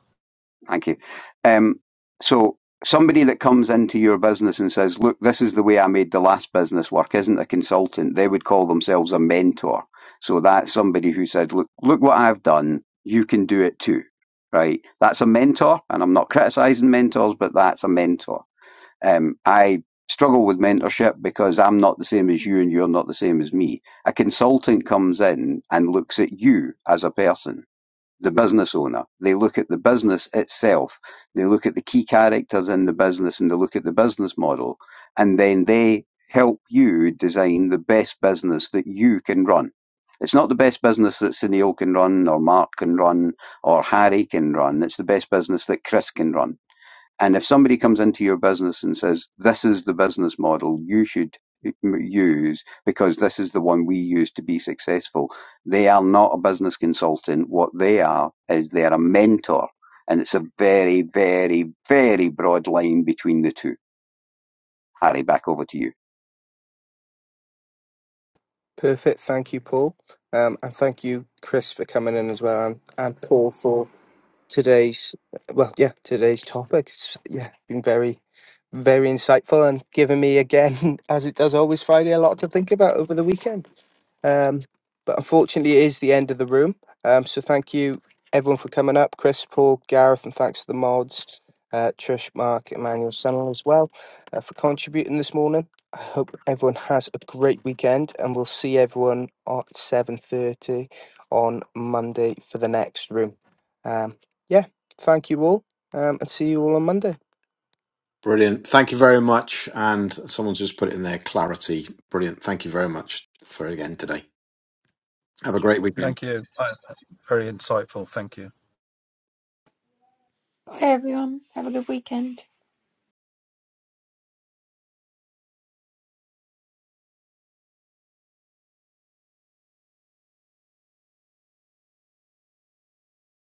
Speaker 7: Thank you. Um, so somebody that comes into your business and says, look, this is the way I made the last business work, isn't a consultant. They would call themselves a mentor. So that's somebody who said, look, look what I've done. You can do it too. Right. That's a mentor. And I'm not criticizing mentors, but that's a mentor. Um, I struggle with mentorship because I'm not the same as you and you're not the same as me. A consultant comes in and looks at you as a person the business owner. They look at the business itself. They look at the key characters in the business and they look at the business model. And then they help you design the best business that you can run. It's not the best business that Sunil can run or Mark can run or Harry can run. It's the best business that Chris can run and if somebody comes into your business and says, this is the business model you should m- use because this is the one we use to be successful, they are not a business consultant. What they are is they're a mentor. And it's a very, very, very broad line between the two. Harry, back over to you.
Speaker 1: Perfect. Thank you, Paul. Um, and thank you, Chris, for coming in as well, and, and Paul for today's well yeah today's topic it's, yeah been very very insightful and given me again as it does always friday a lot to think about over the weekend um, but unfortunately, it is the end of the room. Um, so thank you everyone for coming up, Chris, Paul, Gareth, and thanks to the mods, uh, Trish, Mark, Emmanuel, Sunil as well uh, for contributing this morning. I hope everyone has a great weekend, and we'll see everyone at seven thirty on Monday for the next room. Um, yeah, thank you all, um, and see you all on Monday.
Speaker 5: Brilliant. Thank you very much. And someone's just put it in there clarity. Brilliant. Thank you very much for again today. Have a great weekend.
Speaker 9: thank you Uh, very insightful thank you
Speaker 2: bye everyone have a good weekend